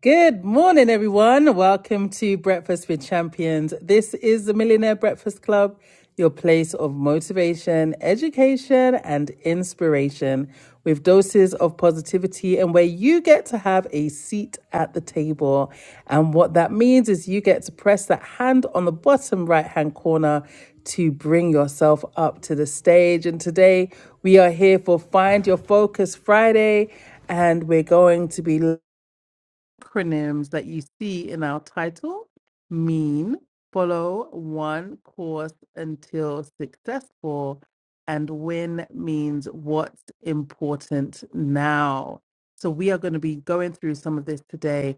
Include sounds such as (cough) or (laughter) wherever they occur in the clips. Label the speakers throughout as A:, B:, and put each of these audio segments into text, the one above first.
A: Good morning, everyone. Welcome to Breakfast with Champions. This is the Millionaire Breakfast Club, your place of motivation, education, and inspiration with doses of positivity, and where you get to have a seat at the table. And what that means is you get to press that hand on the bottom right hand corner to bring yourself up to the stage. And today we are here for Find Your Focus Friday, and we're going to be acronyms that you see in our title mean follow one course until successful, and win means what's important now. So, we are going to be going through some of this today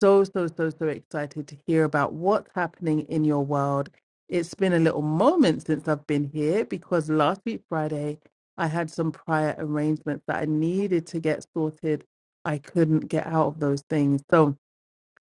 A: so, so, so, so excited to hear about what's happening in your world. It's been a little moment since I've been here because last week, Friday, I had some prior arrangements that I needed to get sorted. I couldn't get out of those things. So,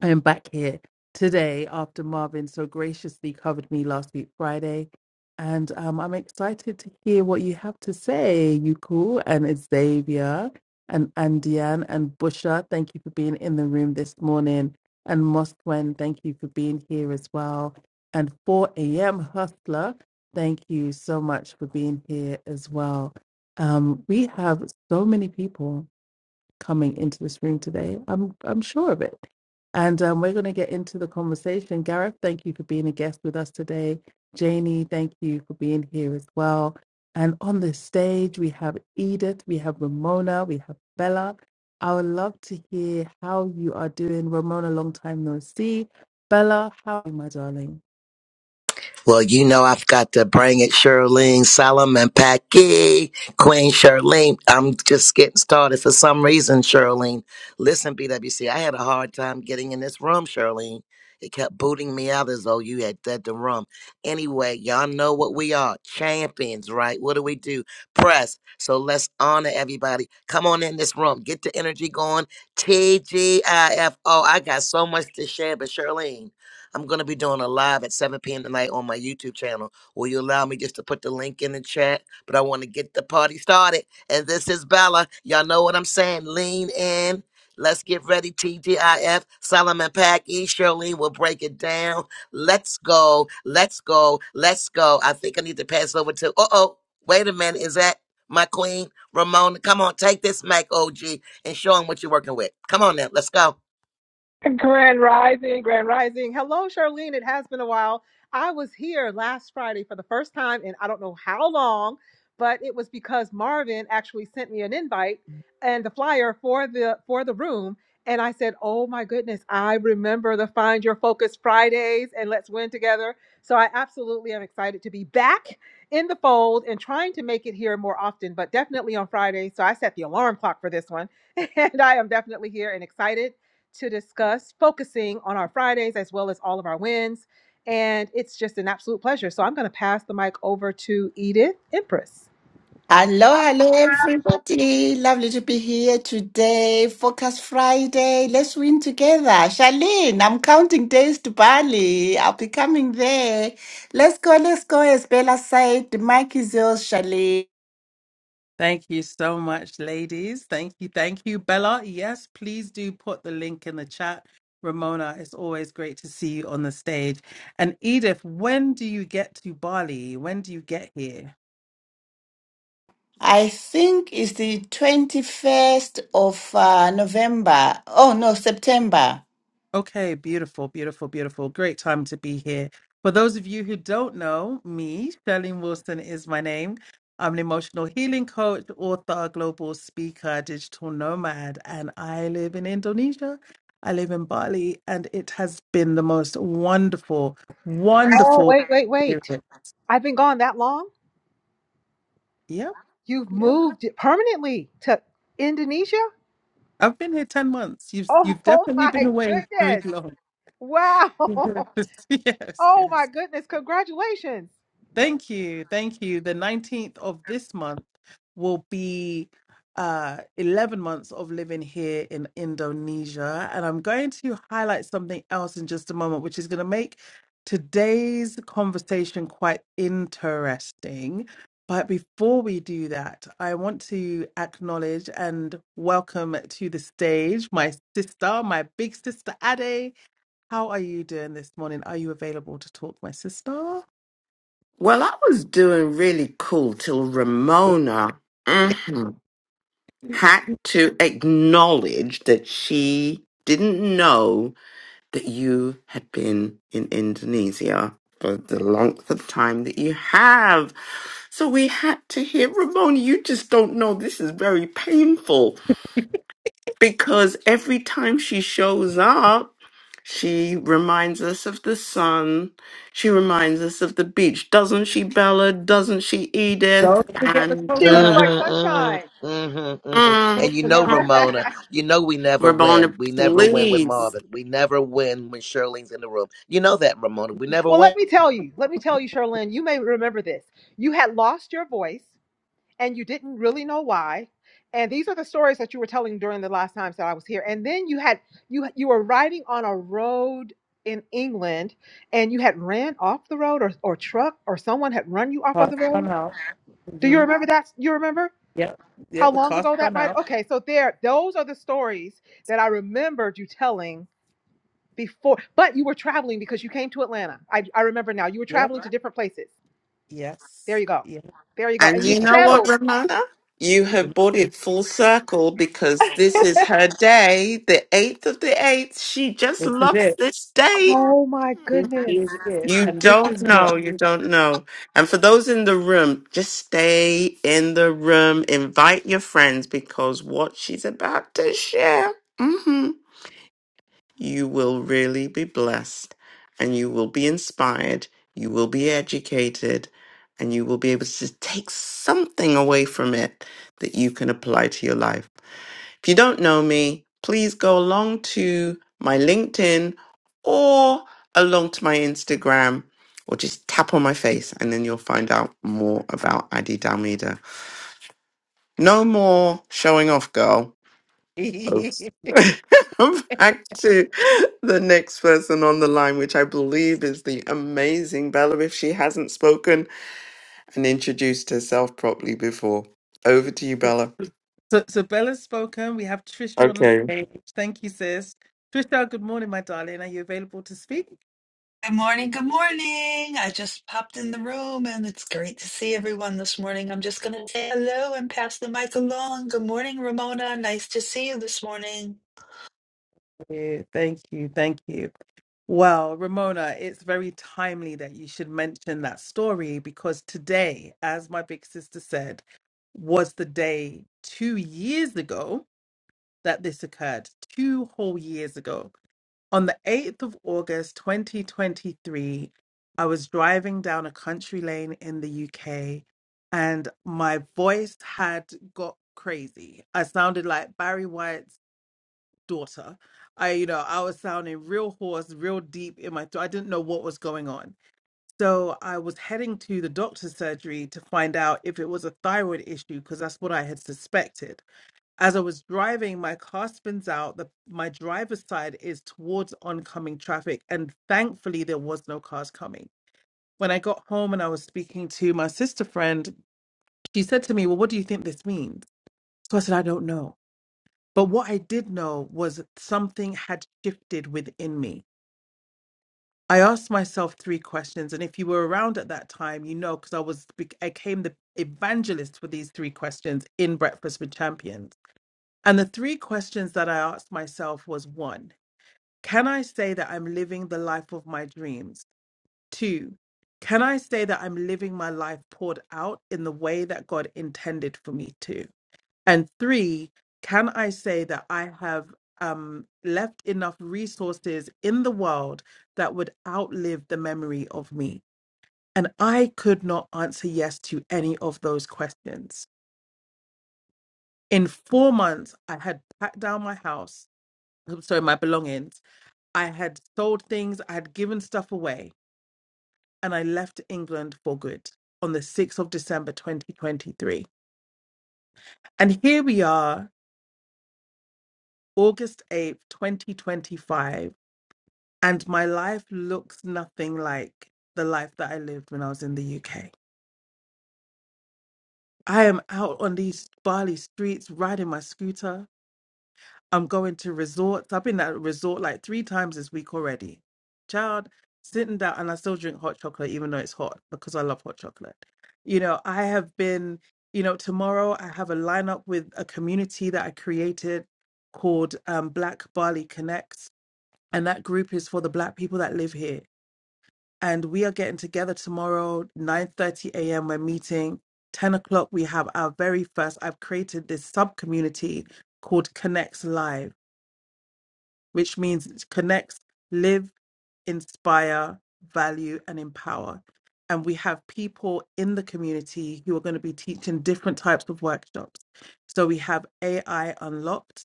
A: I am back here today after Marvin so graciously covered me last week, Friday. And um, I'm excited to hear what you have to say, Yuku and Xavier and Andian and Busha. Thank you for being in the room this morning. And Mosquen, thank you for being here as well. And 4 a.m. Hustler, thank you so much for being here as well. Um, we have so many people coming into this room today. I'm I'm sure of it. And um, we're going to get into the conversation. Gareth, thank you for being a guest with us today. Janie, thank you for being here as well. And on the stage, we have Edith, we have Ramona, we have Bella. I would love to hear how you are doing. Ramona, long time no see. Bella, how are you, my darling?
B: Well, you know I've got to bring it, Shirlene Solomon Packy, Queen Shirlene. I'm just getting started for some reason, Shirlene. Listen, BWC, I had a hard time getting in this room, Shirlene. It kept booting me out as though you had dead the room. Anyway, y'all know what we are. Champions, right? What do we do? Press. So let's honor everybody. Come on in this room. Get the energy going. T G I F O. I got so much to share, but Shirlene. I'm going to be doing a live at 7 p.m. tonight on my YouTube channel. Will you allow me just to put the link in the chat? But I want to get the party started. And this is Bella. Y'all know what I'm saying. Lean in. Let's get ready. TGIF, Solomon Pack, E. Shirley will break it down. Let's go. Let's go. Let's go. I think I need to pass over to. Uh oh. Wait a minute. Is that my queen, Ramona? Come on, take this mic, OG, and show them what you're working with. Come on now. Let's go.
C: Grand Rising, Grand Rising. Hello, Charlene. It has been a while. I was here last Friday for the first time in I don't know how long, but it was because Marvin actually sent me an invite and the flyer for the for the room. And I said, Oh my goodness, I remember the Find Your Focus Fridays and Let's Win Together. So I absolutely am excited to be back in the fold and trying to make it here more often, but definitely on Friday. So I set the alarm clock for this one. (laughs) And I am definitely here and excited to discuss, focusing on our Fridays as well as all of our wins. And it's just an absolute pleasure. So I'm going to pass the mic over to Edith Empress.
D: Hello, hello, everybody. Lovely to be here today. Focus Friday. Let's win together. Charlene, I'm counting days to Bali. I'll be coming there. Let's go, let's go, as Bella said. The mic is yours, Charlene.
A: Thank you so much, ladies. Thank you. Thank you, Bella. Yes, please do put the link in the chat. Ramona, it's always great to see you on the stage. And Edith, when do you get to Bali? When do you get here?
D: I think it's the 21st of uh, November. Oh, no, September.
A: Okay, beautiful, beautiful, beautiful. Great time to be here. For those of you who don't know me, Charlene Wilson is my name. I'm an emotional healing coach, author, global speaker, digital nomad, and I live in Indonesia. I live in Bali, and it has been the most wonderful,
C: Oh,
A: wonderful
C: wait, wait, wait.
A: experience.
C: I've been gone that long.
A: Yep,
C: You've
A: yep.
C: moved permanently to Indonesia?
A: I've been here 10 months. You've
C: Oh
A: you've
C: (laughs)
A: definitely
C: my
A: been away very
C: goodness.
A: long.
C: Wow.
A: (laughs)
C: (laughs)
A: yes,
C: Oh my
A: yes.
C: goodness. Congratulations.
A: Thank you. Thank you. The 19th of this month will be uh 11 months of living here in Indonesia and I'm going to highlight something else in just a moment which is going to make today's conversation quite interesting. But before we do that, I want to acknowledge and welcome to the stage my sister, my big sister Ade. How are you doing this morning? Are you available to talk, my sister?
E: Well, I was doing really cool till Ramona mhm, had to acknowledge that she didn't know that you had been in Indonesia for the length of time that you have. So we had to hear, Ramona, you just don't know. This is very painful because every time she shows up, she reminds us of the sun. She reminds us of the beach. Doesn't she, Bella? Doesn't she, Edith?
A: Don't forget the
E: And
C: She looks
A: coconut.
C: like
B: Mhm, mhm,
C: sunshine.
B: mhm, mhm.
A: The
E: mm,
B: And you know,
A: coconut.
E: mm,
B: Ramona,
C: (laughs)
B: you know we never win.
E: Ramona,
B: We never win with
E: please.
B: Marvin. We never win when Shirley's in the room. You know that, Ramona. We never
C: well,
B: win.
C: let me tell you, let me tell you, Charlene, you may remember this. You had lost your voice and you didn't really know why and these are the stories that you were telling during the last times that i was here and then you had you you were riding on a road in england and you had ran off the road or, or truck or someone had run you off of the
A: Cost run
C: road
A: out.
C: do you
A: hmm
C: remember that you remember
A: Yep.
C: how
A: Yep. The
C: long
A: cost
C: ago that
A: run
C: might
A: out.
C: okay so there those are the stories that i remembered you telling before but you were traveling because you came to atlanta i, I remember now you were
A: Yep.
C: traveling to different places there you
A: Yes.
C: go
A: Yep.
C: there you go
E: And
C: and you
E: you
A: Yep.
E: know what, Ramona? You have brought it full circle because this is
C: said
E: her day, the 8th of the 8th. She just
A: This is
E: loves
A: it.
E: this
C: (laughs)
E: date.
C: oh my
A: This
C: goodness
A: is it.
E: You
A: And this
E: don't
A: is
E: know.
A: what?
E: You don't know. And for those in the room, just stay in the room. Invite your friends because what she's about to share, mhm, you will really be blessed and you will be inspired. You will be educated and you will be able to take something away from it that you can apply to your life. If you don't know me, please go along to my LinkedIn or along to my Instagram or just tap on my face and then you'll find out more about Adi Dalmida. No more showing off, girl.
A: (laughs)
E: Oops. (laughs) Back to the next person on the line, which I believe is the amazing Bella, if she hasn't spoken and introduced herself properly before. Over to you, Bella.
A: So, so Bella's spoken. We have Trisha on the
E: Okay.
A: stage. Thank you, sis. Trisha, good morning, my darling. Are you available to speak?
F: Good morning. Good morning. I just popped in the room and it's great to see everyone this morning. I'm just going to say hello and pass the mic along. Good morning, Ramona. Nice to see you this morning.
A: you. Thank you. Thank you. Well, Ramona, it's very timely that you should mention that story because today, as my big sister said, was the day two years ago that this occurred, two whole years ago. On the 8th of August 2023, I was driving down a country lane in the UK and my voice had got crazy. I sounded like Barry White daughter. I, you know, I was sounding real hoarse, real deep in my throat. I didn't know what was going on. So I was heading to the doctor's surgery to find out if it was a thyroid issue because that's what I had suspected. As I was driving, my car spins out. The, my driver's side is towards oncoming traffic, and thankfully there was no cars coming. When I got home and I was speaking to my sister friend, she said to me, "Well, what do you think this means?" So I said, "I don't know." But what I did know was something had shifted within me. I asked myself three questions, and if you were around at that time, you know, because I was, I came the evangelist for these three questions in Breakfast with Champions. And the three questions that I asked myself was one, can I say that I'm living the life of my dreams? Two, can I say that I'm living my life poured out in the way that God intended for me to? And three, can I say that I have um, left enough resources in the world that would outlive the memory of me? And I could not answer yes to any of those questions. In four months, I had packed down my house, I'm sorry, my belongings. I had sold things, I had given stuff away, and I left England for good on the 6th of December, 2023. And here we are, August 8th, 2025 And my life looks nothing like the life that I lived when I was in the UK. I am out on these Bali streets riding my scooter. I'm going to resorts. I've been at a resort like three times this week already. Child, sitting down, and I still drink hot chocolate, even though it's hot, because I love hot chocolate. You know, I have been, you know, tomorrow I have a lineup with a community that I created called um, Black Bali Connects. And that group is for the Black people that live here and we are getting together tomorrow 9.30 a.m we're meeting 10 o'clock we have our very first i've created this sub community called connects live which means it connects live inspire value and empower and we have people in the community who are going to be teaching different types of workshops so we have ai unlocked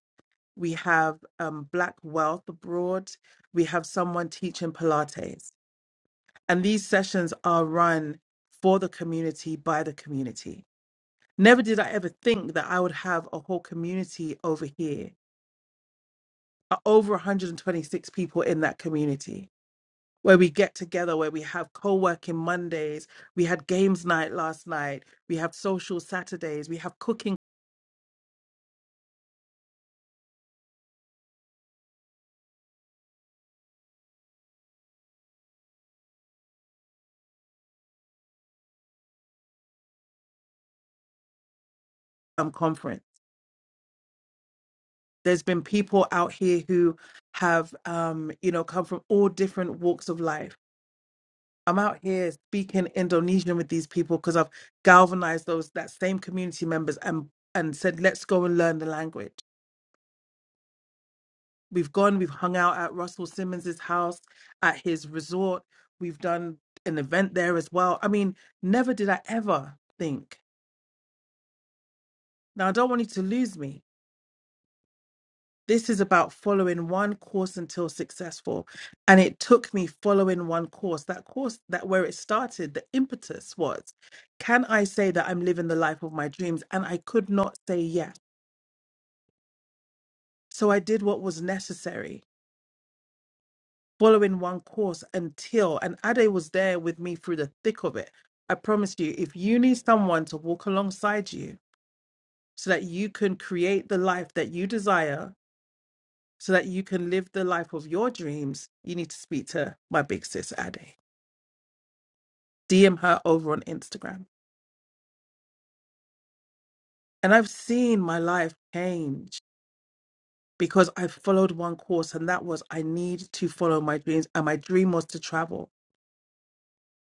A: we have um, black wealth abroad we have someone teaching pilates and these sessions are run for the community by the community. Never did I ever think that I would have a whole community over here, uh, over 126 people in that community, where we get together, where we have co working Mondays. We had games night last night. We have social Saturdays. We have cooking um, conference. There's been people out here who have, um, you know, come from all different walks of life I'm out here speaking Indonesian with these people because I've galvanized those that same community members and and said, let's go and learn the language. We've gone, we've hung out at Russell Simmons's house, at his resort. We've done an event there as well. I mean, never did I ever think. Now I don't want you to lose me, This is about following one course until successful. And it took me following one course. That course, that where it started, the impetus was, can I say that I'm living the life of my dreams? And I could not say yes. So I did what was necessary, following one course until, and Ade was there with me through the thick of it. I promise you, if you need someone to walk alongside you so that you can create the life that you desire, so that you can live the life of your dreams, you need to speak to my big sis, Ade. DM her over on Instagram. And I've seen my life change because I followed one course, and that was I need to follow my dreams. And my dream was to travel.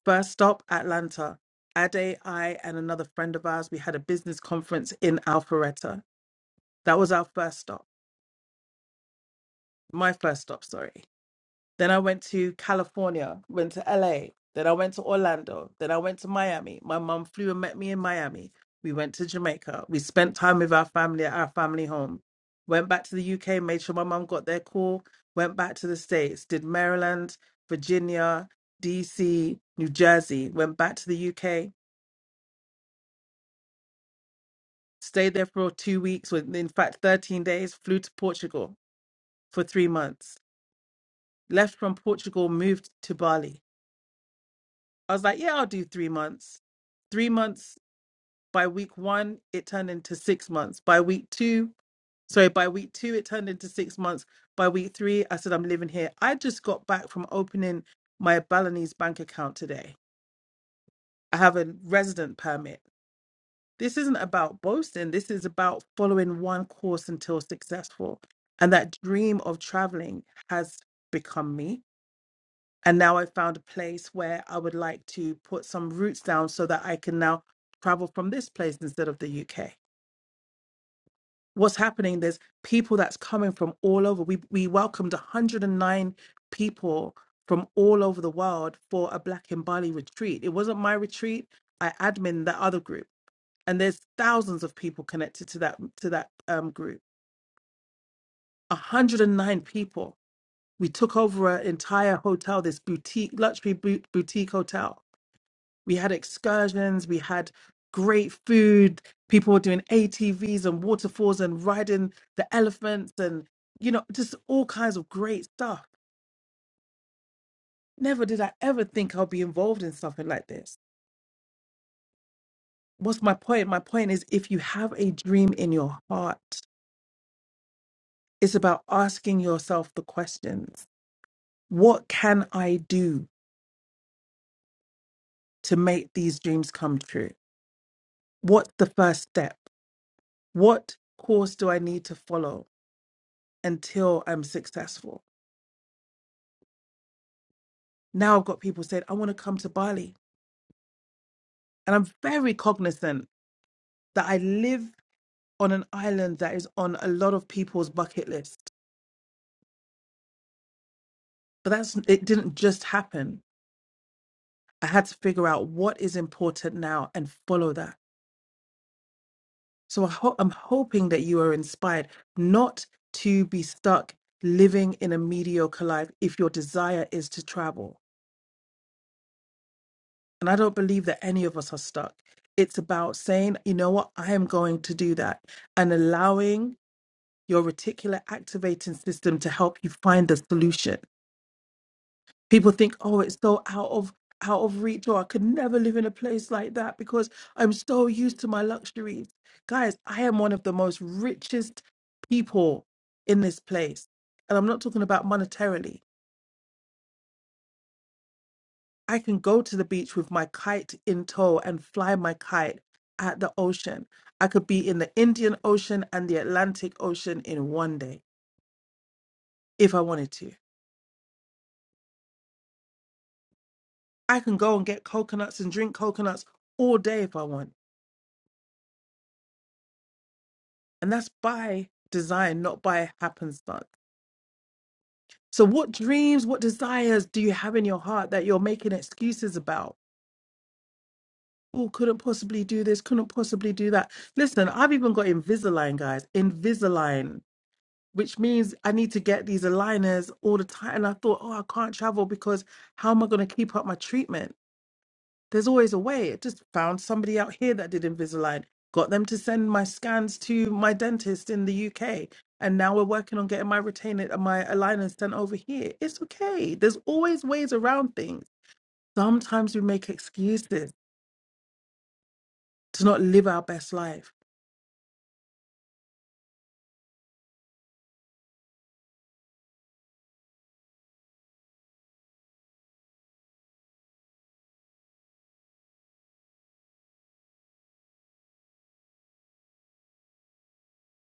A: First stop, Atlanta. Ade, I, and another friend of ours, we had a business conference in Alpharetta. That was our first stop, my first stop, sorry. Then I went to California, went to LA. Then I went to Orlando. Then I went to Miami. My mum flew and met me in Miami. We went to Jamaica. We spent time with our family at our family home. Went back to the UK, made sure my mum got their call. Went back to the States, did Maryland, Virginia, DC, New Jersey. Went back to the UK, stayed there for two weeks, well, in fact, 13 days, flew to Portugal for three months. Left from Portugal, moved to Bali I was like, yeah, I'll do three months. Three months by week one, it turned into six months. By week two, sorry, by week two, it turned into six months. By week three, I said, I'm living here. I just got back from opening my Balinese bank account today. I have a resident permit. This isn't about boasting. This is about following one course until successful. And that dream of traveling has become me And now I found a place where I would like to put some roots down so that I can now travel from this place instead of the UK. What's happening? There's people that's coming from all over. We we welcomed 109 people from all over the world for a Black in Bali retreat. It wasn't my retreat. I admin that other group, and there's thousands of people connected to that to that um, group. 109 people. We took over an entire hotel, this boutique luxury bo- boutique hotel We had excursions, we had great food. People were doing ATVs and waterfalls and riding the elephants and, you know, just all kinds of great stuff. Never did I ever think I'll be involved in something like this. What's my point? My point is if you have a dream in your heart, it's about asking yourself the questions What can I do to make these dreams come true? What's the first step? What course do I need to follow until I'm successful? Now I've got people saying, I want to come to Bali. And I'm very cognizant that I live on an island that is on a lot of people's bucket list. But that's it didn't just happen. I had to figure out what is important now and follow that. So I ho- I'm hoping that you are inspired not to be stuck living in a mediocre life if your desire is to travel. And I don't believe that any of us are stuck. It's about saying, you know what, I am going to do that and allowing your reticular activating system to help you find the solution. People think, oh, it's so out of out of reach, or I could never live in a place like that because I'm so used to my luxuries. Guys, I am one of the most richest people in this place. And I'm not talking about monetarily. I can go to the beach with my kite in tow and fly my kite at the ocean. I could be in the Indian Ocean and the Atlantic Ocean in one day if I wanted to I can go and get coconuts and drink coconuts all day if I want. And that's by design, not by happenstance. So, what dreams, what desires do you have in your heart that you're making excuses about? Oh, couldn't possibly do this, couldn't possibly do that. Listen, I've even got Invisalign, guys, Invisalign, which means I need to get these aligners all the time. And I thought, oh, I can't travel because how am I going to keep up my treatment? There's always a way. I just found somebody out here that did Invisalign, got them to send my scans to my dentist in the UK. And now we're working on getting my retainer, uh, my aligners sent over here. It's okay. There's always ways around things. Sometimes we make excuses to not live our best life.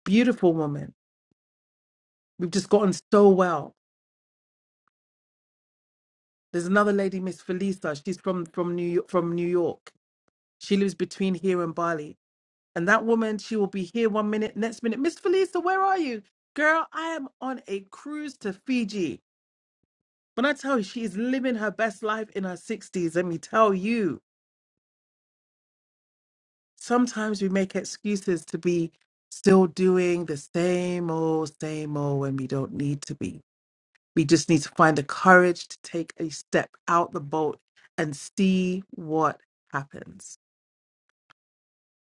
A: Beautiful woman. We've just gotten so well. There's another lady, Miss Felisa. She's from from New York, from New York. She lives between here and Bali And that woman, she will be here one minute, next minute, Miss Felisa, where are you? Girl, I am on a cruise to Fiji. When I tell you she is living her best life in her 60s, let me tell you, sometimes we make excuses to be still doing the same old, same old when we don't need to be. We just need to find the courage to take a step out the boat and see what happens.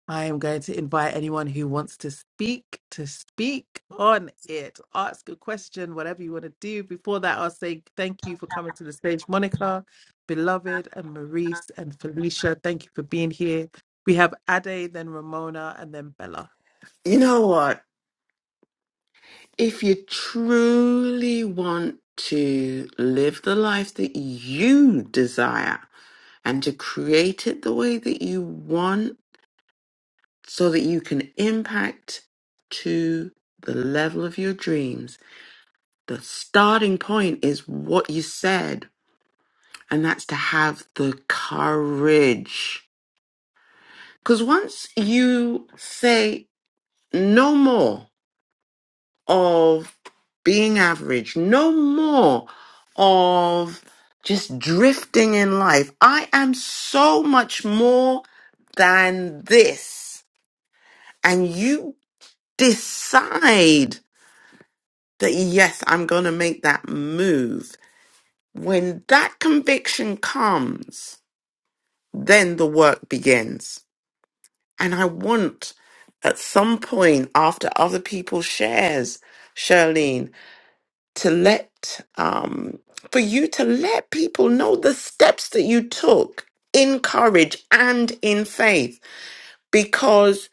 A: I am going to invite anyone who wants to speak to speak on it. Ask a question, whatever you want to do. Before that, I'll say thank you for coming to the stage, Monica, beloved, and Maurice and Felicia. Thank you for being here. We have Ade, then Ramona, and then Bella.
E: You know what? If you truly want to live the life that you desire and to create it the way that you want so that you can impact to the level of your dreams, the starting point is what you said, and that's to have the courage. Because once you say no more of being average, no more of just drifting in life. I am so much more than this. And you decide that, yes, I'm going to make that move. When that conviction comes, then the work begins. And I want at some point after other people shares, Charlene. to let um, for you to let people know the steps that you took in courage and in faith because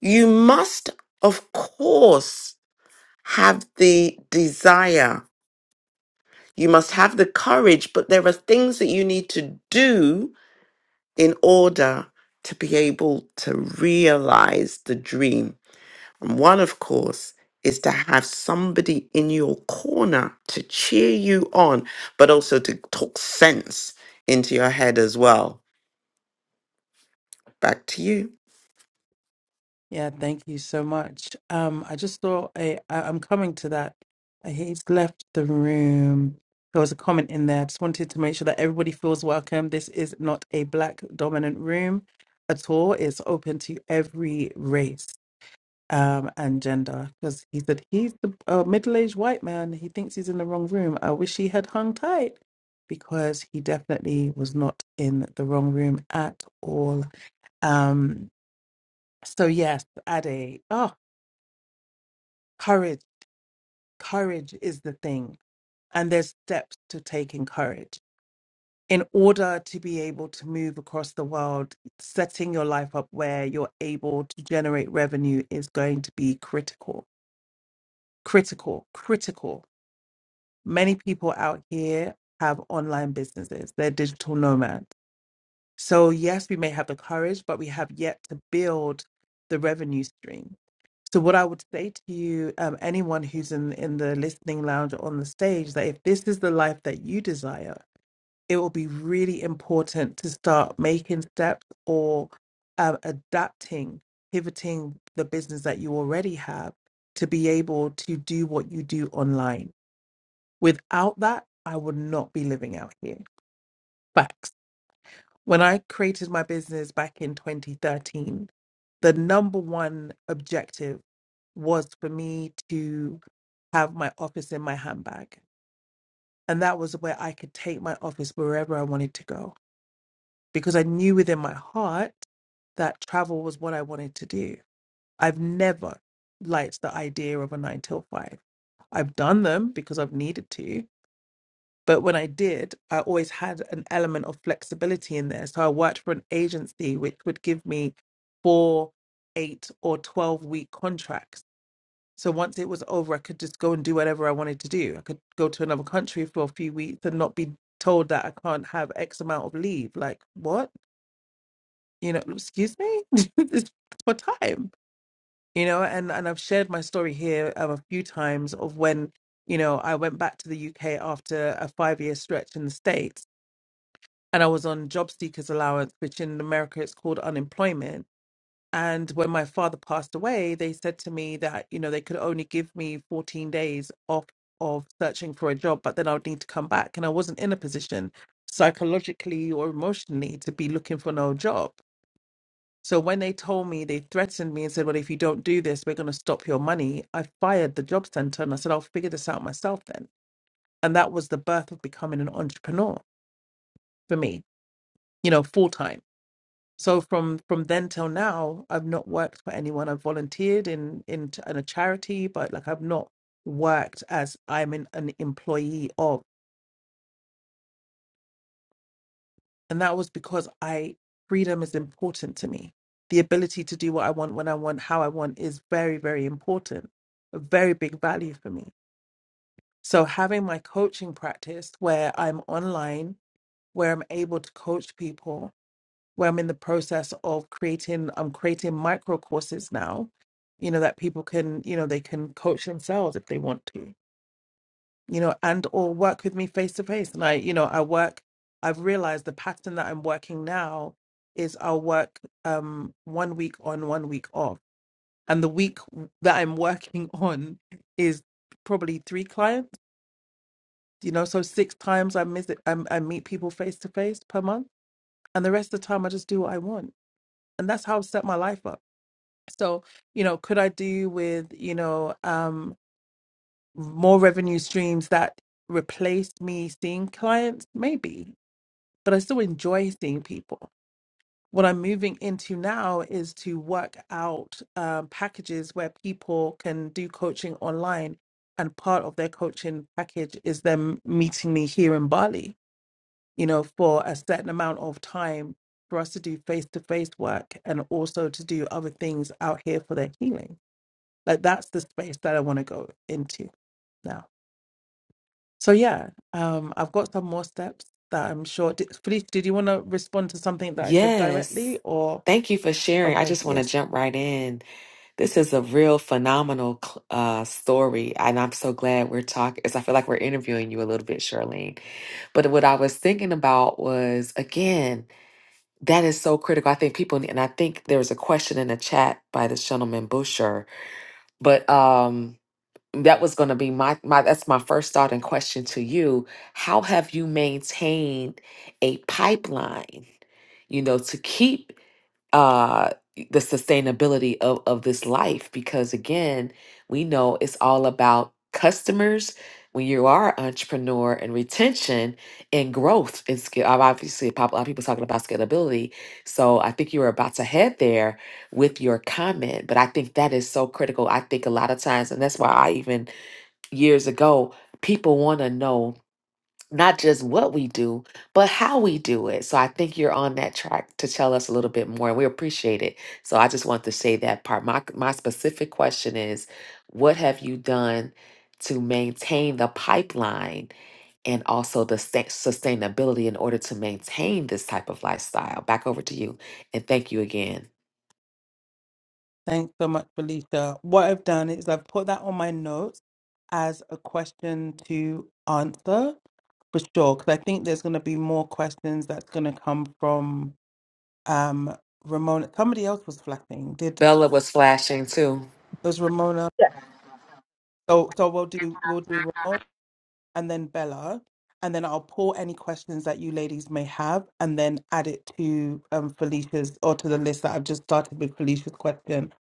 E: you must of course have the desire you must have the courage but there are things that you need to do in order to be able to realize the dream And one, of course, is to have somebody in your corner to cheer you on, but also to talk sense into your head as well. Back to you.
A: Yeah, thank you so much. Um, I just saw a, I, I'm coming to that. Uh, He's left the room. There was a comment in there. I just wanted to make sure that everybody feels welcome. This is not a black dominant room at all. It's open to every race um, and gender. Because he said he's the uh, middle-aged white man. He thinks he's in the wrong room. I wish he had hung tight because he definitely was not in the wrong room at all. Um, so yes, Ade. Oh, courage courage is the thing and there's steps to taking courage in order to be able to move across the world setting your life up where you're able to generate revenue is going to be critical critical critical many people out here have online businesses they're digital nomads so yes we may have the courage but we have yet to build the revenue stream So what I would say to you, um, anyone who's in in the listening lounge or on the stage, that if this is the life that you desire, it will be really important to start making steps or um, adapting, pivoting the business that you already have to be able to do what you do online. Without that, I would not be living out here. Facts. When I created my business back in 2013, the number one objective was for me to have my office in my handbag. And that was where I could take my office wherever I wanted to go because I knew within my heart that travel was what I wanted to do. I've never liked the idea of a nine till five. I've done them because I've needed to, But when I did, I always had an element of flexibility in there. So I worked for an agency which would give me four, eight, or 12 week contracts. So once it was over, I could just go and do whatever I wanted to do. I could go to another country for a few weeks and not be told that I can't have X amount of leave. Like, what? You know, excuse me? (laughs) it's for time. You know, and, and I've shared my story here um, a few times of when, you know, I went back to the UK after a five year stretch in the States and I was on job seekers allowance, which in America it's called unemployment. And when my father passed away, they said to me that, you know, they could only give me 14 days off of searching for a job, but then I would need to come back. And I wasn't in a position psychologically or emotionally to be looking for no job. So when they told me, they threatened me and said, Well, if you don't do this, we're going to stop your money. I fired the job center and I said, I'll figure this out myself then. And that was the birth of becoming an entrepreneur for me, you know, full time. So from from then till now, I've not worked for anyone. I've volunteered in in, t- in a charity, but like I've not worked as I'm an, an employee of. And that was because I freedom is important to me. The ability to do what I want when I want, how I want is very, very important. A very big value for me. So having my coaching practice where I'm online, where I'm able to coach people where I'm in the process of creating, I'm creating micro courses now, you know, that people can, you know, they can coach themselves if they want to, you know, and or work with me face to face. And I, you know, I work, I've realized the pattern that I'm working now is I'll work um one week on, one week off. And the week that I'm working (laughs) on is probably three clients, you know, so six times I miss it, I, I meet people face to face per month. And the rest of the time I just do what I want. And that's how I've set my life up So, you know, could I do with, you know, um, more revenue streams that replace me seeing clients? Maybe, but I still enjoy seeing people. What I'm moving into now is to work out um, packages where people can do coaching online, and part of their coaching package is them meeting me here in Bali, you know, for a certain amount of time for us to do face-to-face work and also to do other things out here for their healing like that's the space that I want to go into now. So yeah, um, I've got some more steps that I'm sure. Did, Felice, did you want to respond to something that I said
G: Yes.
A: directly, or
G: Thank you for sharing. I
A: okay,
G: just want to
A: yes,
G: jump right in. This is a real phenomenal cl- uh, story, and I'm so glad we're talking. As I feel like we're interviewing you a little bit, Charlene. But what I was thinking about was again that is so critical. I think people, and I think there was a question in the chat by this gentleman Busher, but um, that was going to be my my. That's my first thought and question to you. How have you maintained a pipeline? You know, to keep uh the sustainability of of this life because again we know it's all about customers when you are an entrepreneur and retention and growth and scale obviously pop- a lot of people talking about scalability so i think you were about to head there with your comment but i think that is so critical i think a lot of times and that's why i even years ago people want to know not just what we do, but how we do it. So I think you're on that track to tell us a little bit more, and we appreciate it. So I just want to say that part. My my specific question is, what have you done to maintain the pipeline and also the sta- sustainability in order to maintain this type of lifestyle? Back over to you, and thank you again.
A: thanks so much, Felicia. What I've done is I've put that on my notes as a question to answer for sure, because I think there's going to be more questions that's going to come from um Ramona. Somebody else was flapping. Did
G: Bella was flashing too. (laughs)
A: was Ramona? So so we'll do we'll do Ramona. and then Bella, and then I'll pull any questions that you ladies may have, and then add it to um, Felicia's or to the list that I've just started with Felicia's question.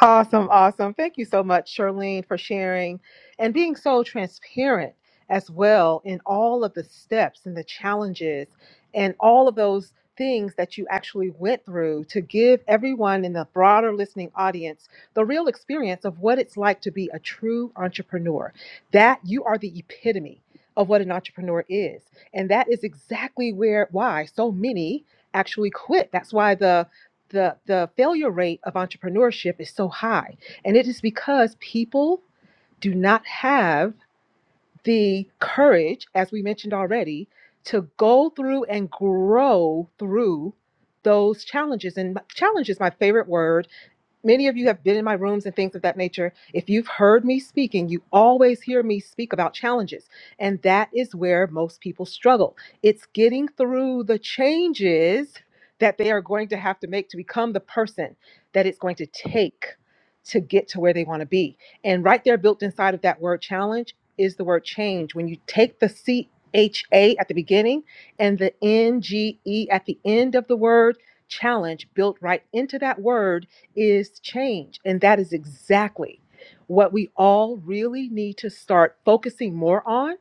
C: Awesome, awesome. Thank you so much, Charlene, for sharing and being so transparent as well in all of the steps and the challenges and all of those things that you actually went through to give everyone in the broader listening audience the real experience of what it's like to be a true entrepreneur. That you are the epitome of what an entrepreneur is. And that is exactly where why so many actually quit. That's why the the the failure rate of entrepreneurship is so high and it is because people do not have the courage as we mentioned already to go through and grow through those challenges and challenge is my favorite word many of you have been in my rooms and things of that nature. If you've heard me speaking, you always hear me speak about challenges. And that is where most people struggle. It's getting through the changes that they are going to have to make to become the person that it's going to take to get to where they want to be. And right there, built inside of that word challenge, is the word change. When you take the C H A at the beginning and the N G E at the end of the word, challenge built right into that word is change. And that is exactly what we all really need to start focusing more on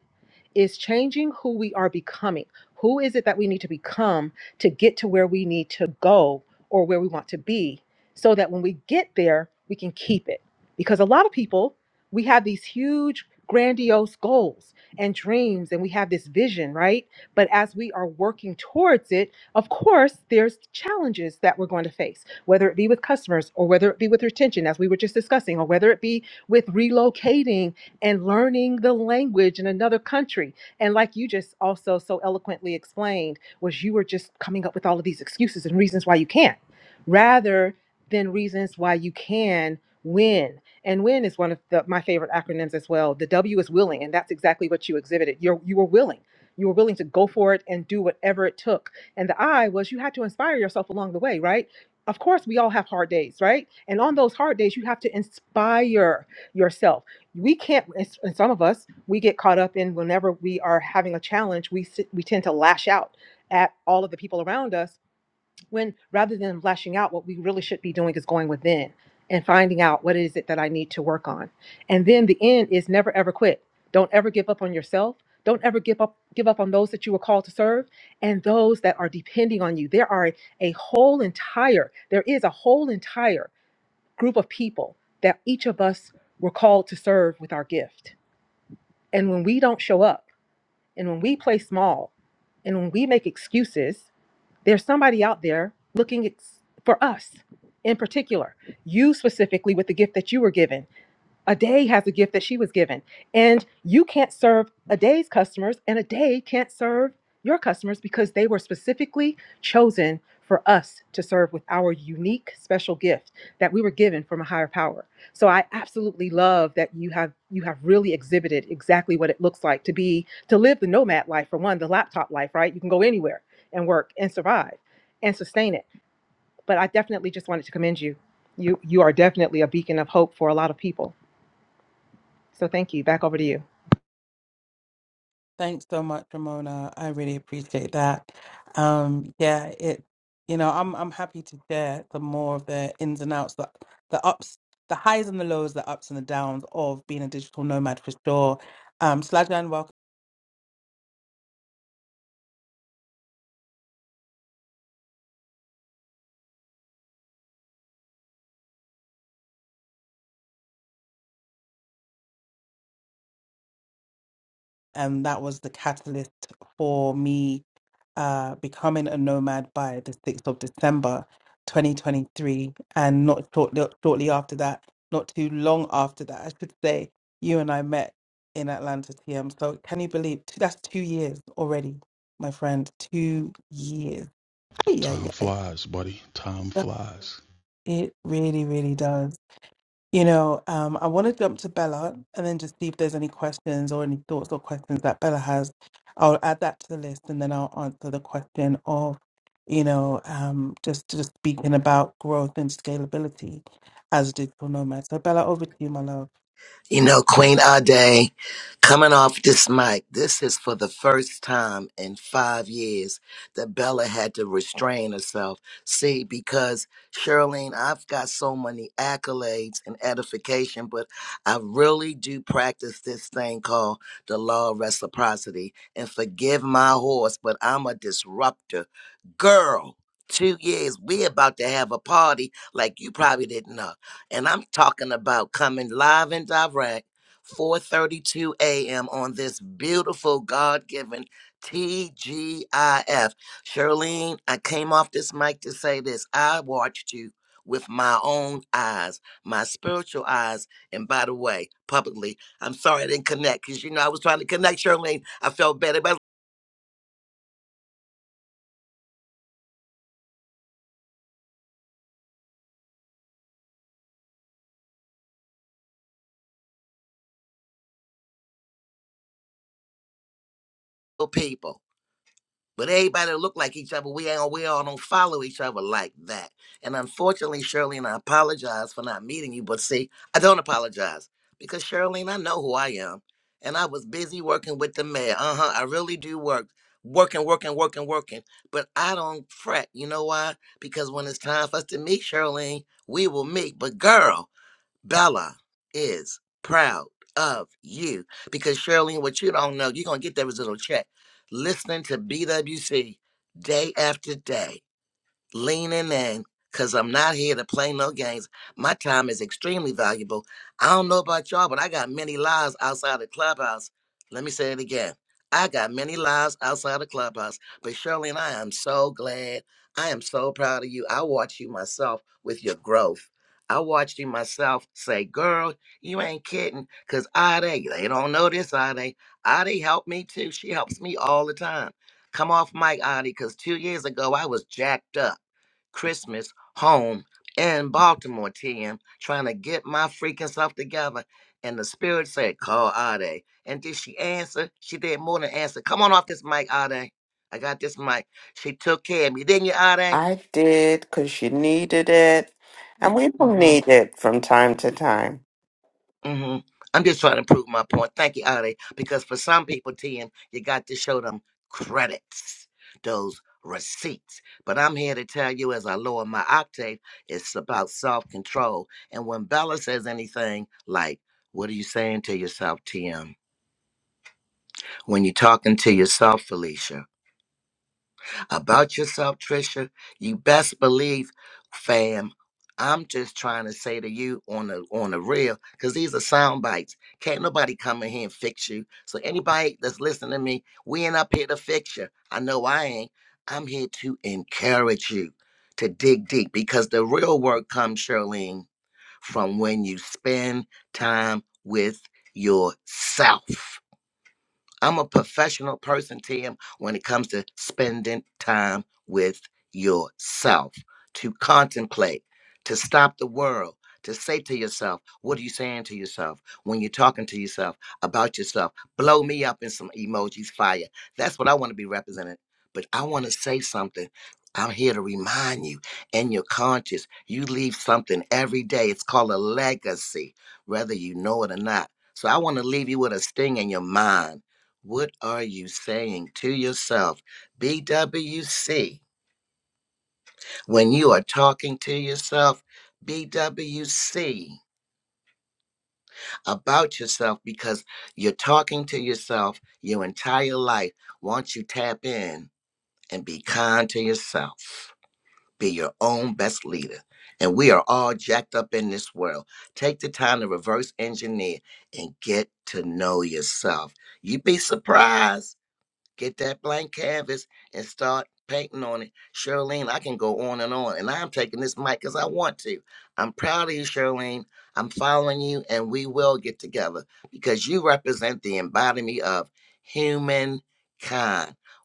C: is changing who we are becoming. Who is it that we need to become to get to where we need to go or where we want to be so that when we get there, we can keep it? Because a lot of people, we have these huge, grandiose goals and dreams, and we have this vision, right? But as we are working towards it, of course, there's challenges that we're going to face, whether it be with customers or whether it be with retention, as we were just discussing, or whether it be with relocating and learning the language in another country. And like you just also so eloquently explained, was you were just coming up with all of these excuses and reasons why you can't, rather than reasons why you can win. And win is one of the, my favorite acronyms as well. The W is willing, and that's exactly what you exhibited. You're, you were willing. You were willing to go for it and do whatever it took. And the I was you had to inspire yourself along the way, right? Of course, we all have hard days, right? And on those hard days, you have to inspire yourself we can't and some of us we get caught up in whenever we are having a challenge we sit, we tend to lash out at all of the people around us when rather than lashing out what we really should be doing is going within and finding out what is it that i need to work on and then the end is never ever quit don't ever give up on yourself don't ever give up give up on those that you were called to serve and those that are depending on you there are a whole entire there is a whole entire group of people that each of us were called to serve with our gift. And when we don't show up, and when we play small, and when we make excuses, there's somebody out there looking ex- for us in particular, you specifically with the gift that you were given a day has a gift that she was given. And you can't serve a day's customers, and a day can't serve your customers because they were specifically chosen for us to serve with our unique special gift that we were given from a higher power. So I absolutely love that you have you have really exhibited exactly what it looks like to be to live the nomad life for one, the laptop life, right? You can go anywhere and work and survive and sustain it. But I definitely just wanted to commend you. You you are definitely a beacon of hope for a lot of people. So thank you. Back over to you.
A: Thanks so much, Ramona. I really appreciate that. Um, yeah, it you know, I'm I'm happy to share the more of the ins and outs, the the ups, the highs and the lows, the ups and the downs of being a digital nomad for sure. Um, Slajan, welcome. and that was the catalyst for me uh, becoming a nomad by the 6th of December 2023. And not shortly, shortly after that, not too long after that, I should say, you and I met in Atlanta TM. So can you believe two, that's two years already, my friend? Two years. Yeah,
H: Time
A: yeah.
H: flies, buddy. Time flies.
A: It really, really does. You know, um, I want to jump to Bella and then just see if there's any questions or any thoughts or questions that Bella has. I'll add that to the list and then I'll answer the question of, you know, um, just just speaking about growth and scalability as a digital nomad. So Bella, over to you, my love.
B: You know, Queen Ade, coming off this mic, this is for the first time in five years that Bella had to restrain herself. See, because Charlene, I've got so many accolades and edification, but I really do practice this thing called the law of reciprocity. And forgive my horse, but I'm a disruptor. Girl, two years, we about to have a party like you probably didn't know and I'm talking about coming live and direct 4:32 a.m. on this beautiful God-given TGIF. Charlene, I came off this mic to say this. I watched you with my own eyes, my spiritual eyes, and by the way, publicly, I'm sorry I didn't connect because you know I was trying to connect Charlene. I felt better about people. But everybody look like each other. We ain't we all don't follow each other like that. And unfortunately, Shirlene, I apologize for not meeting you. But see, I don't apologize because Shirlene, I know who I am, and I was busy working with the mayor. Uh huh. I really do work, working, working, working, working. But I don't fret. You know why? Because when it's time for us to meet, Shirlene, we will meet. But girl. Bella is proud of you because Shirley, what you don't know, you're gonna get that residual check. Listening to BWC day after day leaning in because I'm not here to play no games. My time is extremely valuable. I don't know about y'all, but I got many lives outside the clubhouse. Let me say it again. I got many lives outside the clubhouse, but Shirley and I am so glad. I am so proud of you. I watched you myself with your growth. I watched you myself say, girl, you ain't kidding. Cause Ade, they don't know this, Ade. Ade helped me too. She helps me all the time. Come off mic, Ade, because two years ago I was jacked up. Christmas home in Baltimore, TM, trying to get my freaking self together. And the spirit said, Call Ade. And did she answer? She did more than answer. Come on off this mic, Ade. I got this mic. She took care of me, didn't you, Ade?
E: I did because she needed it. And we all
B: Mm-hmm.
E: need it from time to time.
B: hmm I'm just trying to prove my point. Thank you, Ari. Because for some people, Tim, you got to show them credits, those receipts. But I'm here to tell you, as I lower my octave, it's about self control. And when Bella says anything like, What are you saying to yourself, Tim? When you're talking to yourself, Felicia, about yourself, Trisha. You best believe, fam. I'm just trying to say to you on the on the real, because these are sound bites. Can't nobody come in here and fix you. So anybody that's listening to me, we ain't up here to fix you. I know I ain't. I'm here to encourage you to dig deep because the real work comes, Charlene, from when you spend time with yourself. I'm a professional person, Tim, when it comes to spending time with yourself, to contemplate, to stop the world, to say to yourself, what are you saying to yourself when you're talking to yourself about yourself? Blow me up in some emojis, fire. That's what I want to be represented. But I want to say something. I'm here to remind you in your conscious, you leave something every day. It's called a legacy, whether you know it or not. So I want to leave you with a sting in your mind what are you saying to yourself? BWC. When you are talking to yourself, BWC about yourself because you're talking to yourself your entire life. Once you tap in and be kind to yourself, be your own best leader. And we are all jacked up in this world. Take the time to reverse engineer and get to know yourself. You'd be surprised Get that blank canvas and start painting on it. Charlene, I can go on and on. And I'm taking this mic because I want to. I'm proud of you, Charlene. I'm following you, and we will get together because you represent the embodiment of humankind,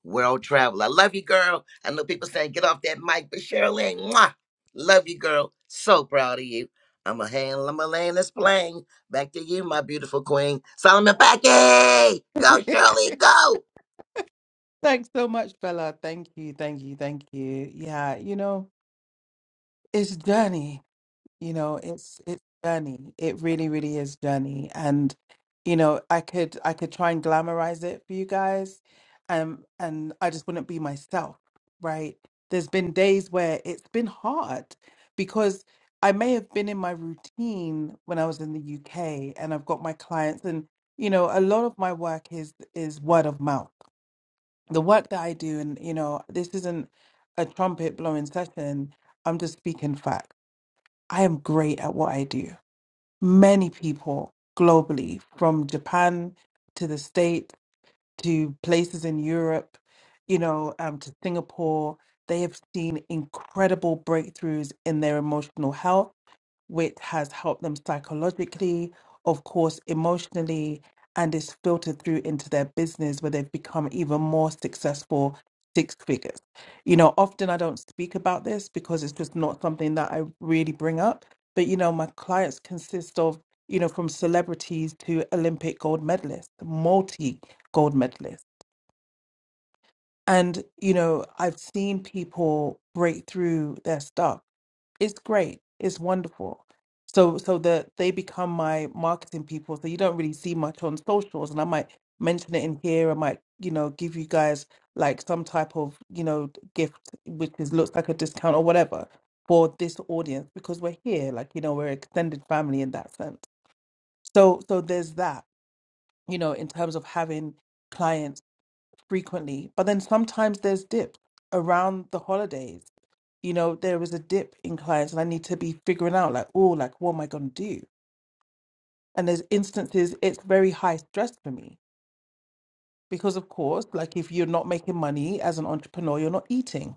B: world travel. I love you, girl. I know people saying get off that mic, but Charlene, mwah, love you, girl. So proud of you. I'm a hand, I'm a land this plane. Back to you, my beautiful queen. Solomon Packy! Go,
A: (laughs)
B: Shirley, go!
A: Thanks so much, Bella. Thank you, thank you, thank you. Yeah, you know, it's a journey You know, it's it's journey. It really, really is journey. And you know, I could I could try and glamorize it for you guys, um, and I just wouldn't be myself, right? There's been days where it's been hard because I may have been in my routine when I was in the UK, and I've got my clients, and you know, a lot of my work is is word of mouth. The work that I do, and you know, this isn't a trumpet blowing session. I'm just speaking facts I am great at what I do. Many people globally, from Japan to the States to places in Europe, you know, um, to Singapore, they have seen incredible breakthroughs in their emotional health which has helped them psychologically, of course, emotionally, and is filtered through into their business where they've become even more successful six figures. You know, often I don't speak about this because it's just not something that I really bring up. But, you know, my clients consist of, you know, from celebrities to Olympic gold medalists, multi gold medalists. And, you know, I've seen people break through their stuff it's great it's wonderful so so that they become my marketing people so you don't really see much on socials and i might mention it in here i might you know give you guys like some type of you know gift which is looks like a discount or whatever for this audience because we're here like you know we're extended family in that sense so so there's that you know in terms of having clients frequently but then sometimes there's dips around the holidays you know, there is a dip in clients and I need to be figuring out like, oh, like what am I gonna do? And there's instances it's very high stress for me because of course, like if you're not making money as an entrepreneur, you're not eating.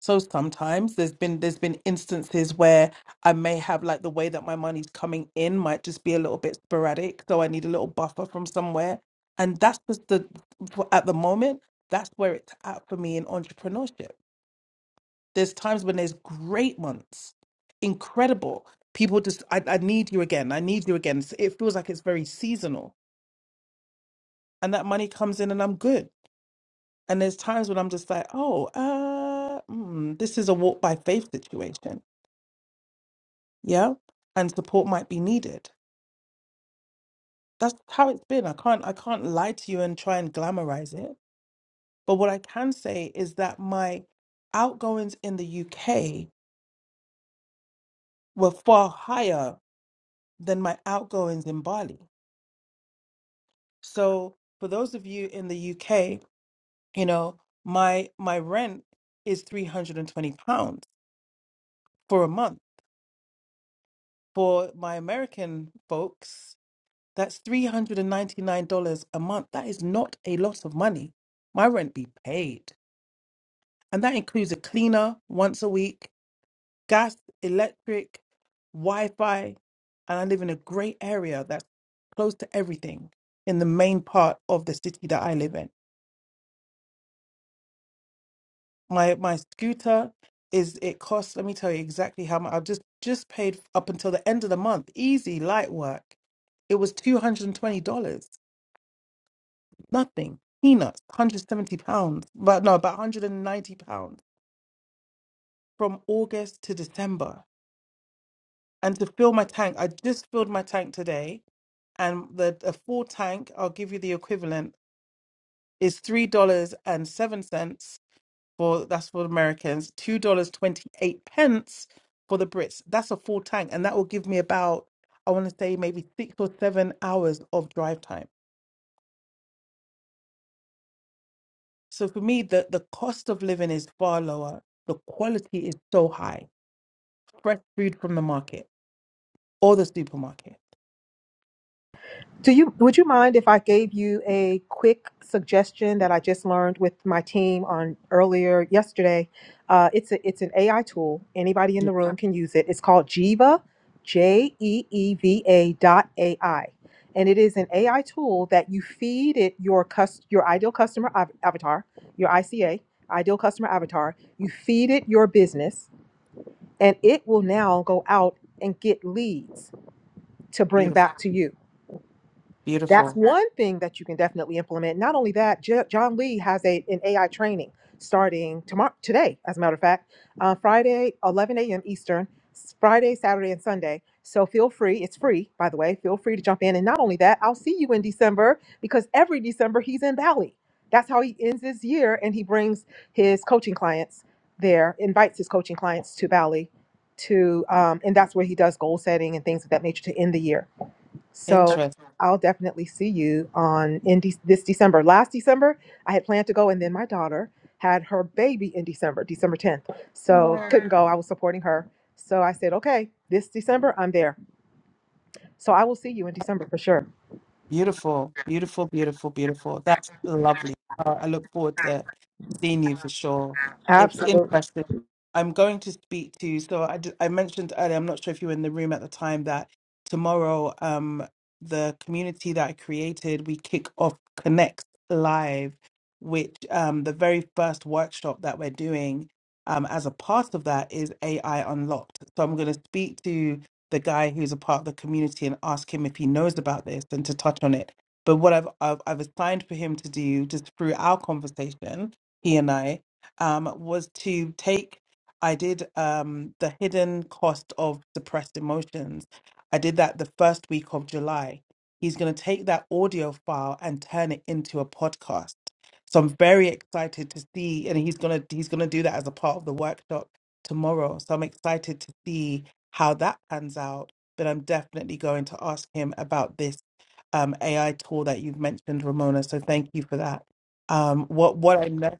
A: So sometimes there's been there's been instances where I may have like the way that my money's coming in might just be a little bit sporadic. So I need a little buffer from somewhere. And that's just the for- at the moment, that's where it's at for me in entrepreneurship There's times when there's great ones, incredible. People just, I, I need you again. I need you again. It's- It feels like it's very seasonal. And that money comes in and I'm good. And there's times when I'm just like, oh, uh, mm, this is a walk by faith situation. Yeah. And support might be needed. That's how it's been. I can't, I can't lie to you and try and glamorize it. But what I can say is that my outgoings in the UK were far higher than my outgoings in Bali So for those of you in the UK, you know, my my rent is 320 pounds for a month. For my American folks, that's $399 a month. That is not a lot of money. My rent be paid. And that includes a cleaner once a week, gas, electric, Wi-Fi, and I live in a great area that's close to everything in the main part of the city that I live in. My my scooter is it costs, let me tell you exactly how much I've just just paid up until the end of the month. Easy, light work. It was two hundred and twenty dollars. Nothing. Peanuts, one hundred seventy pounds. But no, about one hundred and ninety pounds from August to December. And to fill my tank, I just filled my tank today, and the a full tank, I'll give you the equivalent, is three dollars and seven cents for that's for Americans, two dollars twenty eight pence for the Brits. That's a full tank, and that will give me about I want to say maybe six or seven hours of drive time. So for me, the the cost of living is far lower. The quality is so high. Fresh food from the market or the supermarket.
C: Do you would you mind if I gave you a quick suggestion that I just learned with my team on earlier yesterday? Uh, it's a, it's an AI tool. Anybody in
A: Yeah,
C: the room can use it. It's called Jeeva, J E E V A dot A I, and it is an AI tool that you feed it your cus- your ideal customer av- avatar, your ICA ideal customer avatar. You feed it your business, and it will now go out and get leads to bring
A: beautiful,
C: back to you. That's
A: beautiful,
C: one thing that you can definitely implement. Not only that, J- John Lee has a an AI training starting tomorrow today, as a matter of fact, uh, Friday, 11 a.m. Eastern, s- Friday, Saturday, and Sunday. So feel free. It's free, by the way. Feel free to jump in. And not only that, I'll see you in December because every December he's in Bali. That's how he ends his year, and he brings his coaching clients there, invites his coaching clients to Bali, to um, and that's where he does goal setting and things of that nature to end the year. So
A: interest.
C: I'll definitely see you on in De- this December. Last December, I had planned to go, and then my daughter had her baby in December, December 10th. So
A: Oh,
C: couldn't go. I was supporting her. So I said, okay, this December, I'm there. So I will see you in December for sure.
A: Beautiful, beautiful, beautiful, beautiful. That's lovely. Uh, I look forward to seeing you for sure. It's
C: Absolutely.
A: interesting. I'm going to speak to you. So I, d- I mentioned earlier, I'm not sure if you were in the room at the time, that tomorrow, um, the community that I created, we kick off Connect Live, which um, the very first workshop that we're doing um, as a part of that is AI Unlocked. So I'm going to speak to the guy who's a part of the community and ask him if he knows about this and to touch on it. But what I've I've, I've assigned for him to do just through our conversation, he and I, um, was to take. I did um, the hidden cost of suppressed emotions. I did that the first week of July. He's going to take that audio file and turn it into a podcast. So I'm very excited to see, and he's gonna he's gonna do that as a part of the workshop tomorrow. So I'm excited to see how that pans out, then I'm definitely going to ask him about this um, AI tool that you've mentioned, Ramona. So thank you for that. Um, what what I know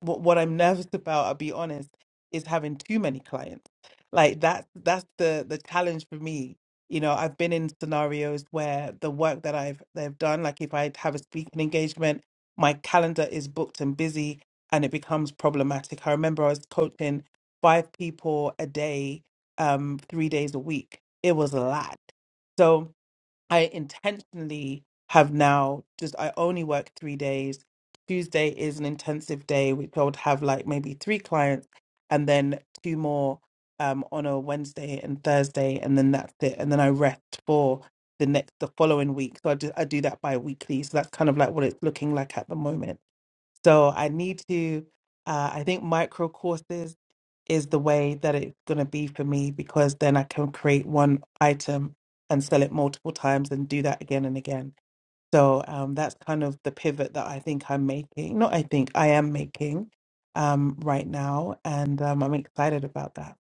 A: what what I'm nervous about, I'll be honest, is having too many clients. Like that's that's the the challenge for me. You know, I've been in scenarios where the work that I've they've done, like if I have a speaking engagement, my calendar is booked and busy and it becomes problematic. I remember I was coaching five people a day, um, three days a week. It was a lot. So I intentionally have now just I only work three days. Tuesday is an intensive day, which I would have like maybe three clients and then two more um on a Wednesday and Thursday, and then that's it. And then I rest for the next the following week. So I do I do that bi-weekly. So that's kind of like what it's looking like at the moment. So I need to, uh, I think micro courses is the way that it's going to be for me because then I can create one item and sell it multiple times and do that again and again. So um, that's kind of the pivot that I think I'm making. Not I think I am making um, right now. And um, I'm excited about that.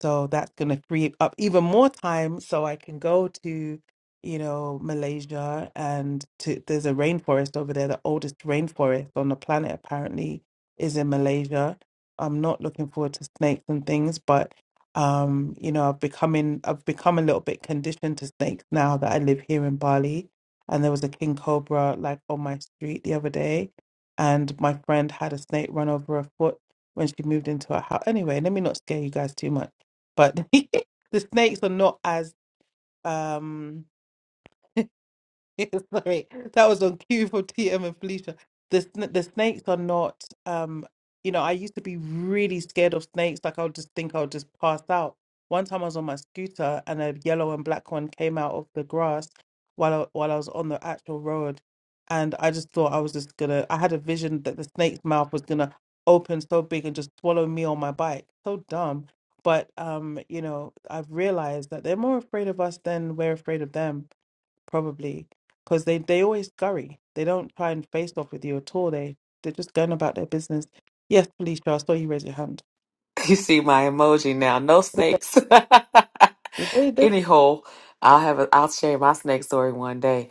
A: So that's going to free up even more time so I can go to, you know, Malaysia and to, there's a rainforest over there. The oldest rainforest on the planet apparently is in Malaysia. I'm not looking forward to snakes and things, but um, you know, I've becoming I've become a little bit conditioned to snakes now that I live here in Bali. And there was a king cobra like on my street the other day, and my friend had a snake run over her foot when she moved into her house. Anyway, let me not scare you guys too much but (laughs) the snakes are not as um (laughs) Sorry, that was on cue for TM and Felicia. The sn- the snakes are not, um, you know, I used to be really scared of snakes. Like I would just think I would just pass out. One time I was on my scooter and a yellow and black one came out of the grass while I, while I was on the actual road, and I just thought I was just gonna. I had a vision that the snake's mouth was gonna open so big and just swallow me on my bike. So dumb. But um, you know, I've realized that they're more afraid of us than we're afraid of them probably because they they always scurry. They don't try and face off with you at all. They they're just going about their business. Yes, Felicia, I saw you raise your hand.
G: You see my emoji now. No snakes.
A: Yeah, They,
G: (laughs)
A: they,
G: Anyhow, I'll have a, I'll share my snake story one day.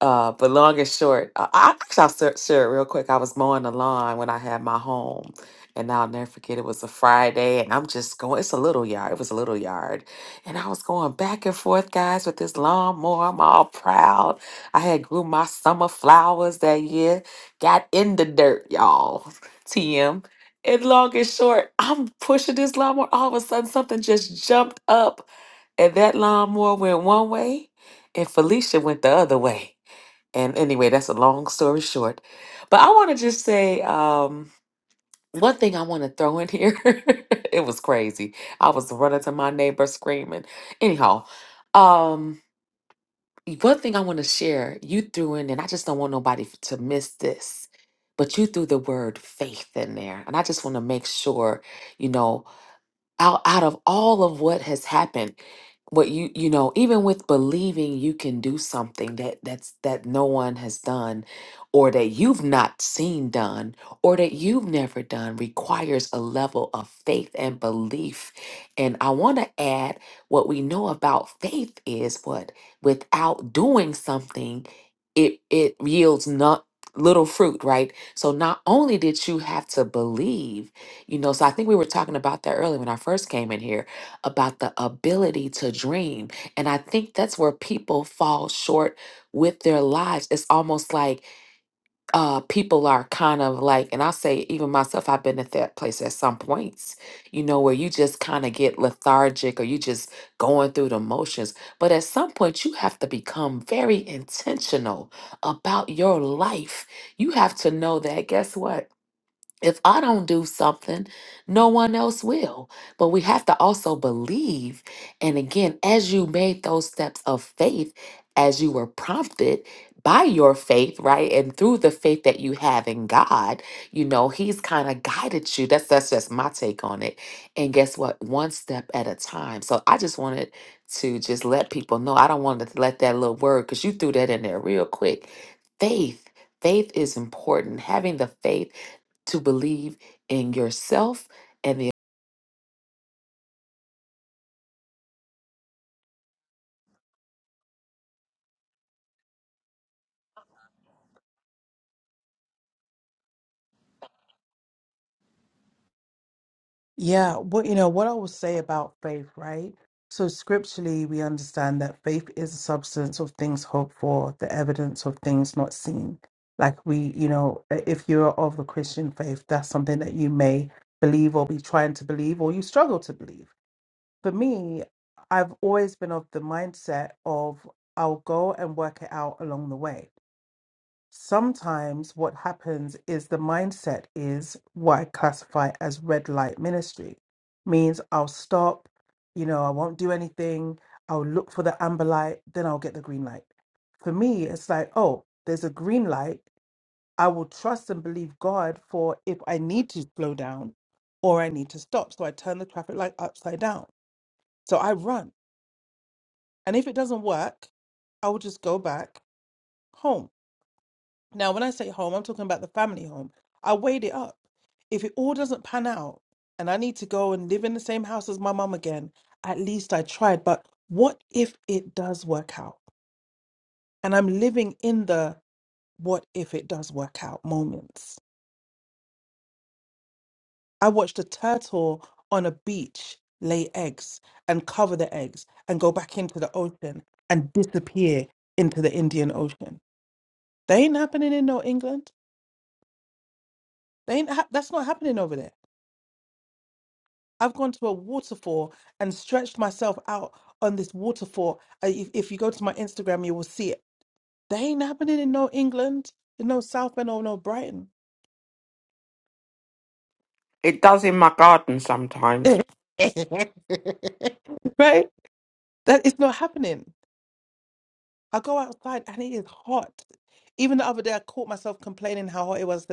G: Uh, but long and short, uh, I, I actually I'll share share it real quick. I was mowing the lawn when I had my home, and I'll never forget. It was a Friday, and I'm just going. It's a little yard. It was a little yard, and I was going back and forth, guys, with this lawnmower. I'm all proud. I had grew my summer flowers that year. Got in the dirt, y'all. (laughs) TM. And long and short, I'm pushing this lawnmower. All of a sudden, something just jumped up, and that lawnmower went one way, and Felicia went the other way. And anyway, that's a long story short. But I want to just say um, one thing I want to throw in here. (laughs) it was crazy. I was running to my neighbor screaming. Anyhow, um, one thing I want to share you threw in, and I just don't want nobody f- to miss this. But you threw the word faith in there. And I just want to make sure, you know, out out of all of what has happened what you you know even with believing you can do something that that's that no one has done or that you've not seen done or that you've never done requires a level of faith and belief and i want to add what we know about faith is what without doing something it it yields not little fruit right so not only did you have to believe you know, so I think we were talking about that earlier when I first came in here about the ability to dream. And I think that's where people fall short with their lives. It's almost like uh, people are kind of like, and I'll say, even myself, I've been at that place at some points, you know, where you just kind of get lethargic or you just going through the motions. But at some point, you have to become very intentional about your life. You have to know that, guess what? if I don't do something, no one else will. But we have to also believe. And again, as you made those steps of faith, as you were prompted by your faith, right? And through the faith that you have in God, you know, He's kind of guided you. That's that's just my take on it. And guess what? One step at a time. So I just wanted to just let people know. I don't want to let that little word, because you threw that in there real quick. Faith. Faith is important. Having the faith to believe in yourself and the
A: Yeah, what you know, what I would say about faith, right? So scripturally, we understand that faith is the substance of things hoped for, the evidence of things not seen. Like we, you know, if you're of the Christian faith, that's something that you may believe or be trying to believe or you struggle to believe. for me, I've always been of the mindset of I'll go and work it out along the way. Sometimes what happens is the mindset is what I classify as red light ministry, means I'll stop, you know, I won't do anything, I'll look for the amber light, then I'll get the green light. For me, it's like, oh, there's a green light. I will trust and believe God for if I need to slow down or I need to stop. So I turn the traffic light upside down. So I run and if it doesn't work, I will just go back home. Now, when I say home, I'm talking about the family home. I weighed it up. If it all doesn't pan out and I need to go and live in the same house as my mum again, at least I tried. But what if it does work out? And I'm living in the what if it does work out moments. I watched a turtle on a beach lay eggs and cover the eggs and go back into the ocean and disappear into the Indian Ocean. That ain't happening in no England. They ain't hap that's not happening over there. I've gone to a waterfall and stretched myself out on this waterfall. Uh, If, if you go to my Instagram, you will see it. They ain't happening in no England, in no Southend or no no Brighton,
E: It does in my garden sometimes.
A: (laughs) right? That is not happening. I go outside and it is hot. Even the other day, I caught myself complaining how hot it was.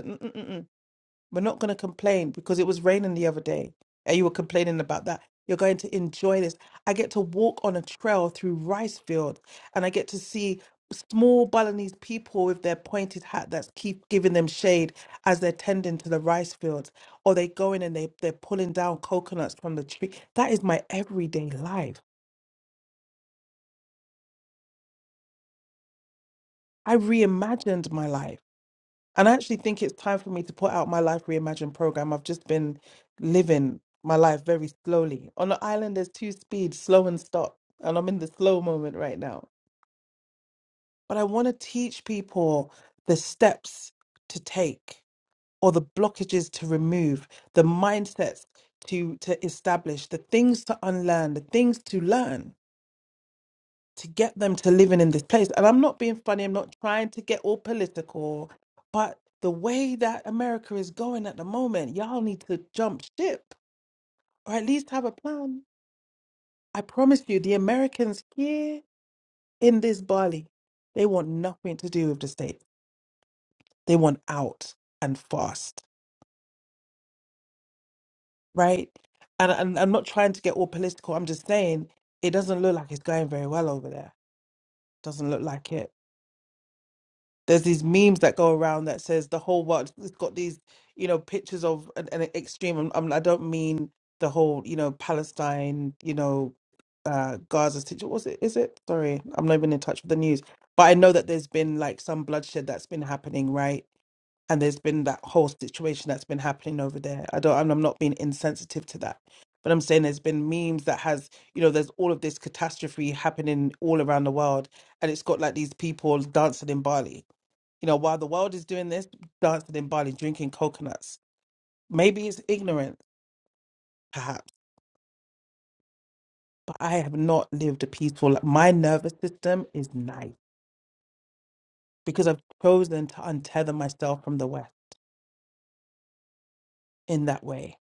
A: We're not going to complain because it was raining the other day and you were complaining about that. You're going to enjoy this. I get to walk on a trail through rice field and I get to see small Balinese people with their pointed hat that's keep giving them shade as they're tending to the rice fields or they go in and they, they're pulling down coconuts from the tree. That is my everyday life. I reimagined my life. And I actually think it's time for me to put out my life reimagined program. I've just been living my life very slowly. On the island, there's two speeds, slow and stop. And I'm in the slow moment right now. But I want to teach people the steps to take or the blockages to remove, the mindsets to to establish, the things to unlearn, the things to learn to get them to living in this place. And I'm not being funny, I'm not trying to get all political, but the way that America is going at the moment, y'all need to jump ship or at least have a plan. I promise you, the Americans here in this Bali, they want nothing to do with the States. They want out and fast, right? And, and I'm not trying to get all political. I'm just saying it doesn't look like it's going very well over there. Doesn't look like it. there's these memes that go around that says the whole world it's got these you know pictures of an, an extreme I'm, I'm, i don't mean the whole you know palestine you know uh gaza situation was it is it sorry i'm not even in touch with the news but i know that there's been like some bloodshed that's been happening right and there's been that whole situation that's been happening over there i don't i'm, I'm not being insensitive to that but i'm saying there's been memes that has you know there's all of this catastrophe happening all around the world and it's got like these people dancing in bali you know, while the world is doing this, dancing in Bali, drinking coconuts. Maybe it's ignorance, perhaps, but I have not lived a peaceful life. My nervous system is nice because I've chosen to untether myself from the West in that way.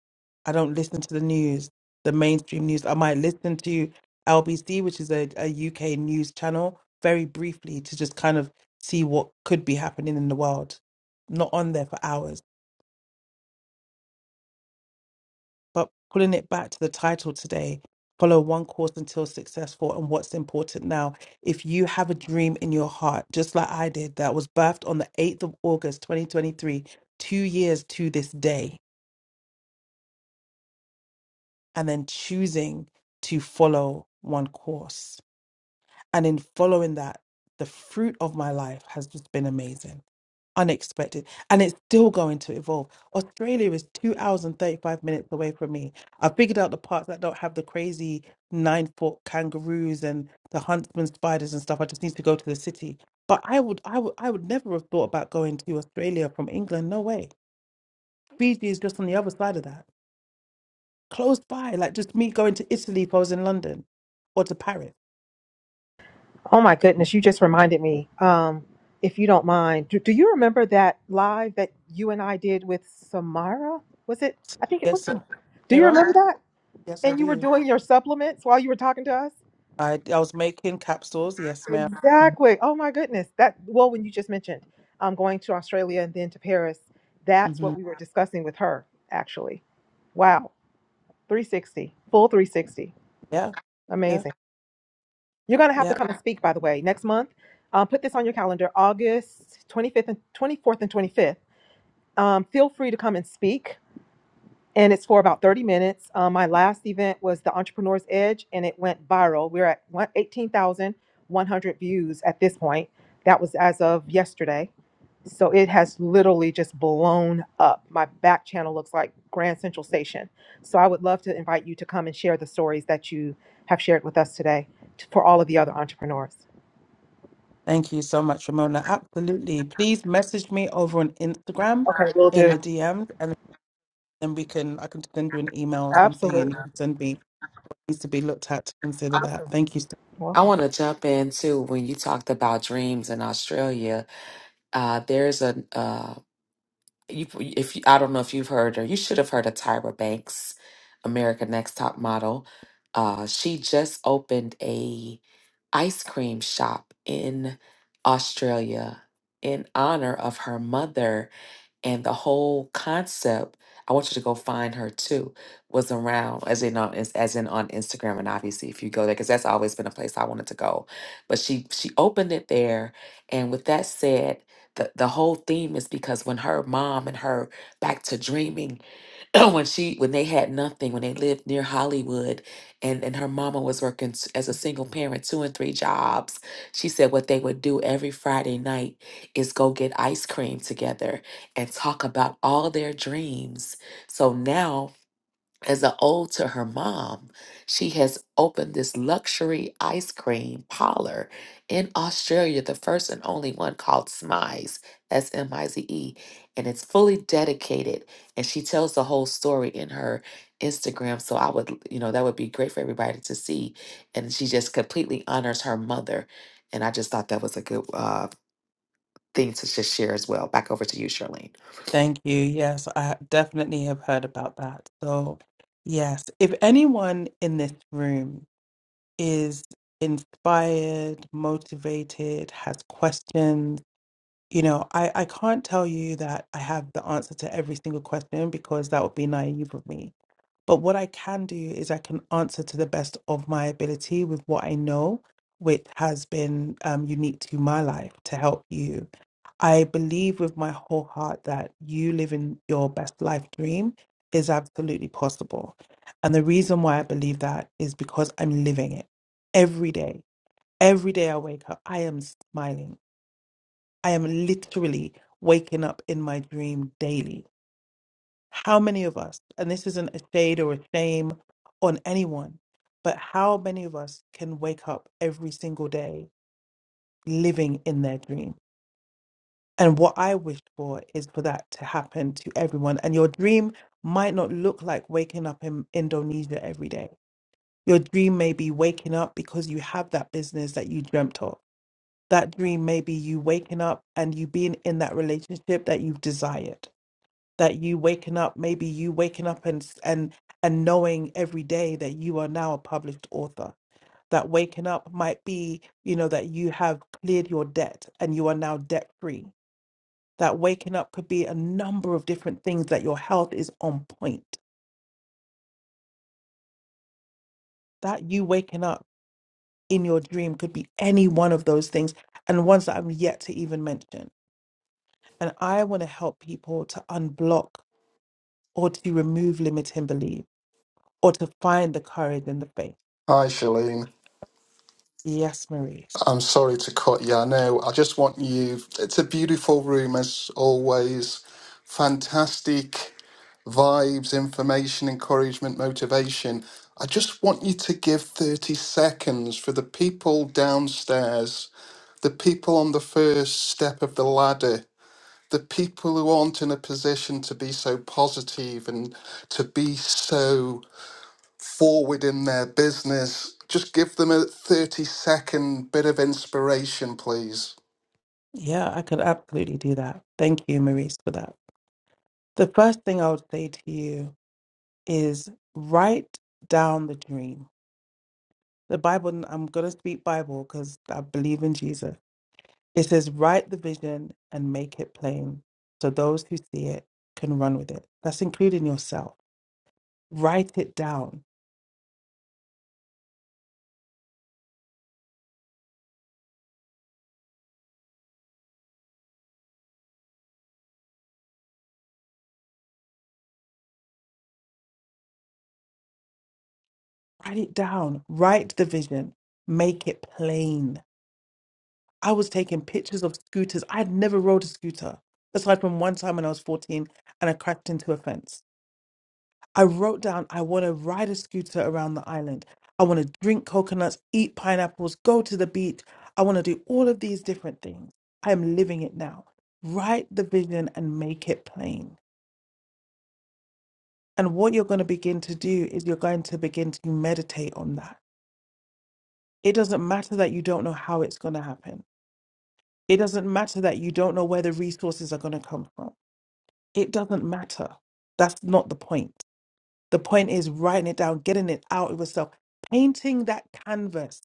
A: I don't listen to the news, the mainstream news. I might listen to LBC, which is a, a UK news channel, very briefly to just kind of see what could be happening in the world. Not on there for hours But pulling it back to the title today, follow one course until successful and what's important now. If you have a dream in your heart, just like I did, that was birthed on the 8th of August, 2023, two years to this day, and then choosing to follow one course. And in following that, the fruit of my life has just been amazing. unexpected and it's still going to evolve australia is two hours and 35 minutes away from me i figured out the parts that don't have the crazy nine foot kangaroos and the huntsman spiders and stuff i just need to go to the city but i would i would i would never have thought about going to australia from england no way fiji is just on the other side of that close by like just me going to italy if i was in london or to paris
C: Oh my goodness, you just reminded me. Um, if you don't mind, do, do you remember that live that you and I did with Samara? Was it? I think it
A: yes
C: was.
A: sir.
C: Samara. Do you
A: mira
C: remember that?
A: yes i
C: And you were
A: do
C: doing your supplements while you were talking to us?
A: i i was making capsules yes ma'am
C: Exactly. Oh my goodness. That well, when you just mentioned um, going to Australia and then to Paris, that's
A: hmm
C: what we were discussing with her actually. Wow, 360, full 360,
A: yeah yeah
C: amazing. You're gonna have
A: yeah
C: to come and speak, by the way, next month. Um, put this on your calendar, August 25th and 24th and 25th. Um, feel free to come and speak. and it's for about 30 minutes. Um, my last event was the Entrepreneur's Edge, and it went viral. We're at one- 18,100 views at this point. That was as of yesterday. So it has literally just blown up. My back channel looks like Grand Central Station. So I would love to invite you to come and share the stories that you have shared with us today t- for all of the other entrepreneurs.
A: Thank you so much, Ramona. Absolutely. Please message me over on Instagram
C: Okay, we will
A: in
C: do.
A: the DMs, and then we can I can send you an email or something,
C: Absolutely.
A: and you
C: You're
A: can send me needs to be looked at to consider that. Thank you. so-
G: I
C: Welcome.
G: want to jump into when you talked about dreams in Australia. Uh, there's a uh, you, if you, I don't know if you've heard or you should have heard of Tyra Banks, America Next Top Model. Uh, she just opened a ice cream shop in Australia in honor of her mother and the whole concept i want you to go find her too was around as in on as as in on instagram and obviously if you go there because that's always been a place i wanted to go but she she opened it there and with that said the, the whole theme is because when her mom and her back to dreaming (clears throat) when she when they had nothing when they lived near hollywood and and her mama was working s- as a single parent two and three jobs she said what they would do every friday night is go get ice cream together and talk about all their dreams so now as a ode to her mom, she has opened this luxury ice cream parlor in Australia, the first and only one called Smize, S M I Z E, and it's fully dedicated. And she tells the whole story in her Instagram. So I would, you know, that would be great for everybody to see. And she just completely honors her mother. And I just thought that was a good uh, thing to just share as well. Back over to you, Charlene.
A: Thank you. Yes, I definitely have heard about that. So, yes, if anyone in this room is inspired, motivated, has questions, you know, I I can't tell you that I have the answer to every single question because that would be naive of me But what I can do is I can answer to the best of my ability with what I know, which has been um, unique to my life to help you. I believe with my whole heart that you living your best life dream is absolutely possible. And the reason why I believe that is because I'm living it every day. Every day I wake up, I am smiling. I am literally waking up in my dream daily how many of us, and this isn't a shade or a shame on anyone, but how many of us can wake up every single day living in their dream? And what I wish for is for that to happen to everyone. And your dream might not look like waking up in Indonesia every day. Your dream may be waking up because you have that business that you dreamt of. That dream may be you waking up and you being in that relationship that you've desired that you waking up maybe you waking up and s- and and knowing every day that you are now a published author that waking up might be you know that you have cleared your debt and you are now debt free that waking up could be a number of different things that your health is on point that you waking up in your dream could be any one of those things and ones that I'm yet to even mention and I want to help people to unblock or to remove limiting belief or to find the courage and the faith
I: Hi, Shalene.
A: Yes, Maurice.
I: I'm sorry to cut you. I know. I just want you. It's a beautiful room as always. Fantastic vibes, information, encouragement, motivation. I just want you to give 30 seconds for the people downstairs, the people on the first step of the ladder, the people who aren't in a position to be so positive and to be so forward in their business. Just give them a 30 second bit of inspiration, please.
A: Yeah, I could absolutely do that. Thank you, Maurice, for that. The first thing I would say to you is write down the dream. The Bible, I'm going to speak Bible because I believe in Jesus. It says, write the vision and make it plain so those who see it can run with it. That's including yourself. Write it down. Write it down. Write the vision. Make it plain I was taking pictures of scooters. I had never rode a scooter, aside from one time when I was 14 and I crashed into a fence. I wrote down, I want to ride a scooter around the island. I want to drink coconuts, eat pineapples, go to the beach. I want to do all of these different things. I am living it now. Write the vision and make it plain. And what you're going to begin to do is you're going to begin to meditate on that. It doesn't matter that you don't know how it's going to happen. It doesn't matter that you don't know where the resources are going to come from It doesn't matter. That's not the point. The point is writing it down, getting it out of yourself, painting that canvas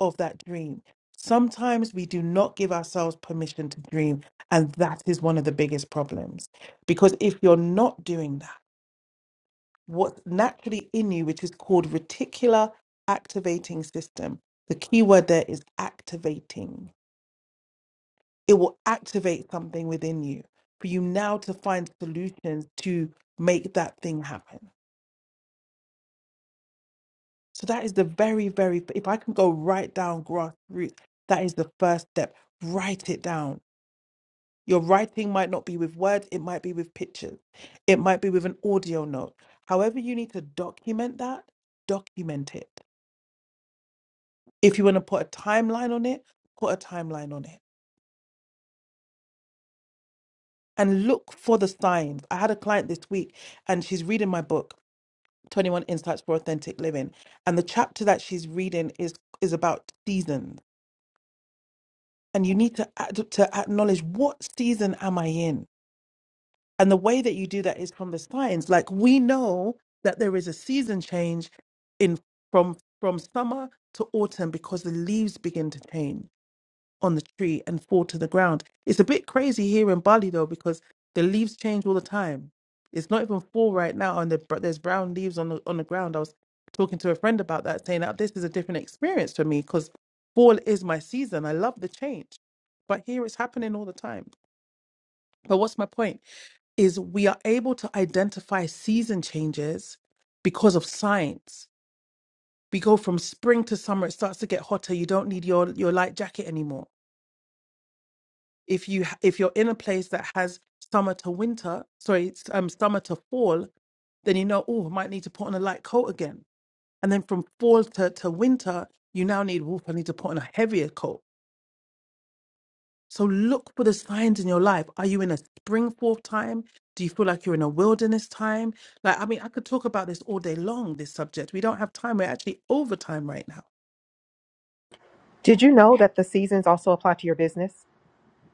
A: of that dream. Sometimes we do not give ourselves permission to dream, and that is one of the biggest problems. Because if you're not doing that, what's naturally in you, which is called reticular activating system, the key word there is activating. It will activate something within you for you now to find solutions to make that thing happen. So that is the very, very, if I can go right down grassroots, that is the first step. Write it down. Your writing might not be with words, it might be with pictures, it might be with an audio note. However, you need to document that, document it. If you want to put a timeline on it, put a timeline on it and look for the signs. I had a client this week and she's reading my book, 21 Insights for Authentic Living. And the chapter that she's reading is is about seasons and you need to act, to acknowledge what season am I in? And the way that you do that is from the science. Like we know that there is a season change in from from summer to autumn because the leaves begin to change on the tree and fall to the ground. It's a bit crazy here in Bali though because the leaves change all the time. It's not even fall right now, and the, but there's brown leaves on the on the ground. I was talking to a friend about that, saying that this is a different experience for me because fall is my season. I love the change, but here it's happening all the time. But what's my point? is we are able to identify season changes because of science. We go from spring to summer, it starts to get hotter. You don't need your, your light jacket anymore. if you h- if you're in a place that has summer to winter sorry it's, um summer to fall then you know oh i might need to put on a light coat again and then from fall to, to winter you now need woof i need to put on a heavier coat so look for the signs in your life are you in a spring fall time do you feel like you're in a wilderness time like i mean i could talk about this all day long this subject we don't have time we're actually over time right now
C: Did you know that the seasons also apply to your business?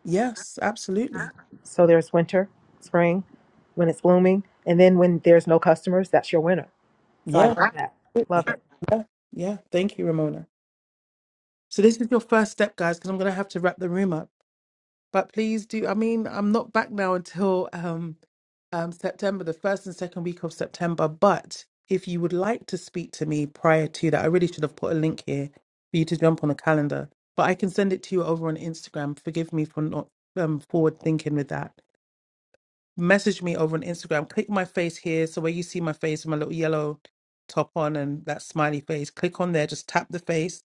A: yes absolutely
C: So there's winter, spring, when it's blooming, and then when there's no customers, that's your winter. So I
A: yeah
C: love that. Love
A: absolutely.
C: it.
A: yeah yeah thank you ramona So this is your first step, guys, because I'm gonna have to wrap the room up. But please do. I mean, I'm not back now until um, um, September, the first and second week of September. But if you would like to speak to me prior to that, I really should have put a link here for you to jump on a calendar. But I can send it to you over on Instagram. Forgive me for not um, forward thinking with that message me over on Instagram. Click my face here. So where you see my face, my little yellow top on and that smiley face, click on there, just tap the face.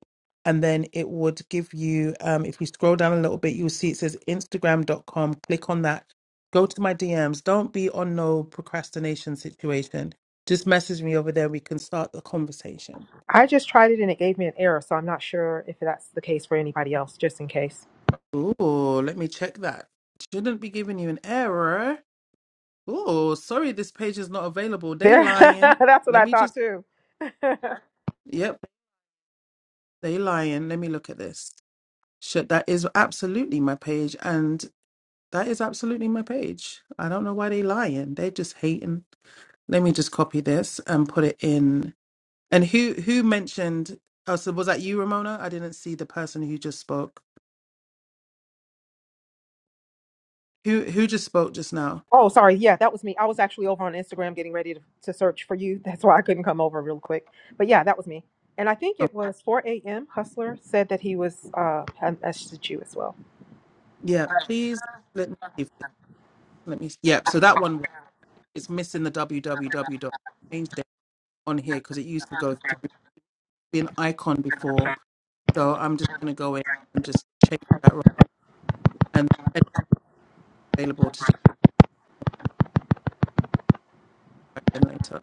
A: And then it would give you, um, if you scroll down a little bit, you'll see it says Instagram.com. Click on that. Go to my DMs. Don't be on no procrastination situation. Just message me over there. We can start the conversation.
C: I just tried it and it gave me an error, so I'm not sure if that's the case for anybody else, just in case.
A: Oh, let me check that. Shouldn't be giving you an error. Oh, sorry, this page is not available. They
C: There, (laughs)
A: lying.
C: that's what
A: Let
C: I
A: me
C: thought
A: just.
C: too.
A: Yep, They lying. Let me look at this. Shit, that is absolutely my page, and that is absolutely my page. I don't know why they lying. They just hating. Let me just copy this and put it in. And who who mentioned? Oh, so was that you, Ramona? I didn't see the person who just spoke. Who who just spoke just now?
C: (laughs) oh, sorry. Yeah, that was me. I was actually over on Instagram getting ready to, to search for you. That's why I couldn't come over real quick. But yeah, that was me. And I think
A: Oh,
C: it was 4 a.m. Hustler said that he was uh, had messaged you as well.
A: yeah. Please let me. see if- Let me. Yep. So that one is missing the www dot. Changed it on here because it used to go through be an icon before So I'm just going to go in and just change that right and and available to just back in later.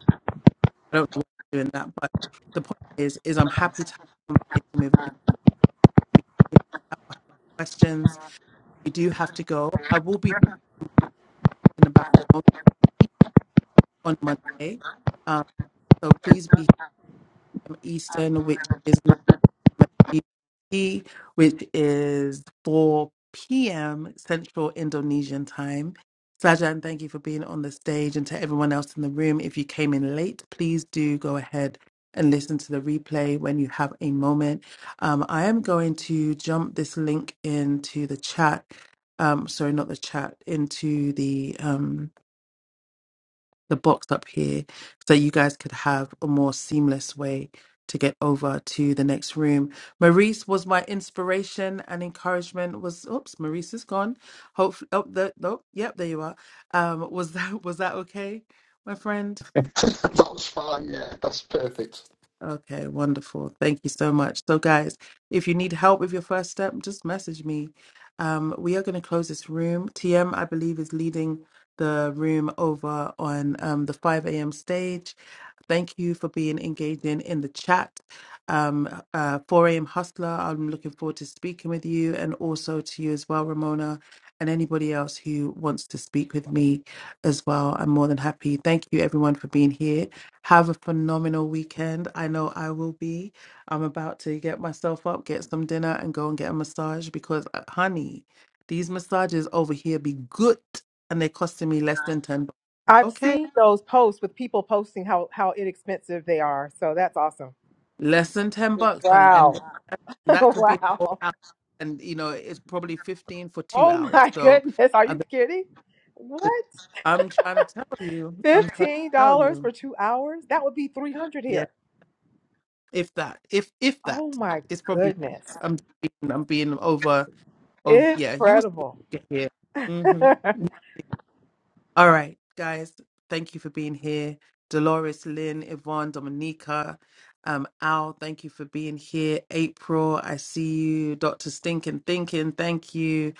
A: I don't know why I'm doing that, but the point is, is I'm happy to have a conversation with any questions. You do have to go. I will be back in about on Monday. Um, so please be here Eastern, which is GMT, which is 4 p.m. Central Indonesian time. Sajan, thank you for being on the stage. And to everyone else in the room, if you came in late, please do go ahead and listen to the replay when you have a moment. Um, I am going to jump this link into the chat. Um, sorry, not the chat, into the. um, the box up here so you guys could have a more seamless way to get over to the next room. Maurice was my inspiration and encouragement was oops, Maurice is gone. Hopefully oh the nope, yep, there you are. Um was (laughs) that was that okay, my friend?
I: (laughs) That's fine. Yeah, that's perfect.
A: Okay, wonderful. Thank you so much. So guys, if you need help with your first step, just message me. Um we are gonna close this room. TM I believe is leading the room over on um the 5 a.m. stage Thank you for being engaging in the chat. Um, uh, 4 a.m. Hustler, I'm looking forward to speaking with you and also to you as well, Ramona, and anybody else who wants to speak with me as well. I'm more than happy. Thank you, everyone, for being here. Have a phenomenal weekend. I know I will be. I'm about to get myself up, get some dinner, and go and get a massage because, uh, honey, these massages over here be good and they're costing me less than 10 dollars.
C: I've
A: Okay.
C: seen those posts with people posting how how inexpensive they are. So that's awesome.
A: Less than 10 bucks, honey.
C: Wow.
A: And that
C: (laughs)
A: that could be a whole
C: wow.
A: hour. And, you know, it's probably 15 for two
C: Oh
A: hours.
C: my
A: So
C: goodness. Are you
A: I'm,
C: kidding? What?
A: I'm trying to tell you, I'm trying
C: Fifteen
A: to tell
C: dollars for
A: you.
C: two hours? That would be three hundred
A: Yeah.
C: here.
A: If that, if, if that,
C: Oh my
A: it's probably yes.
C: goodness.
A: I'm being, I'm being over, over, yeah, you was
C: Incredible.
A: here.
C: (laughs)
A: Mm-hmm. All right, guys, thank you for being here. Dolores, Lynn, Yvonne, Dominica, um, Al, thank you for being here. April, I see you. Dr. Stinkin' Thinking, thank you.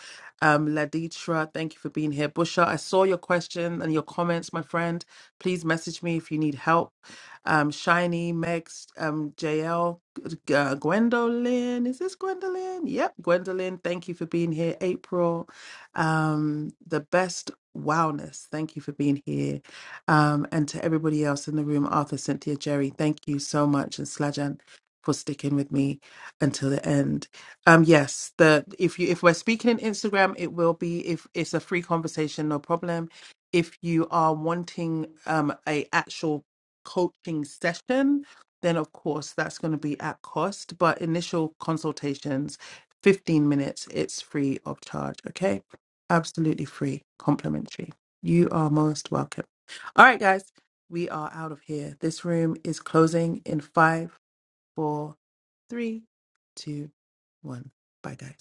A: Um, Laditra, thank you for being here. Busha, I saw your question and your comments, my friend. Please message me if you need help. Um, Shiny, Megs, um, JL, uh, Gwendolyn, is this Gwendolyn? Yep, Gwendolyn, thank you for being here. April, um, the best Wildness, thank you for being here. Um, and to everybody else in the room, Arthur, Cynthia, Jerry, thank you so much. And Slajan for sticking with me until the end. Um, yes, the if you if we're speaking in Instagram, it will be if it's a free conversation, no problem. If you are wanting um a actual coaching session, then of course that's going to be at cost. But initial consultations, 15 minutes, it's free of charge. Okay. Absolutely free, complimentary. You are most welcome. All right, guys, we are out of here. This room is closing in five, four, three, two, one. Bye, guys.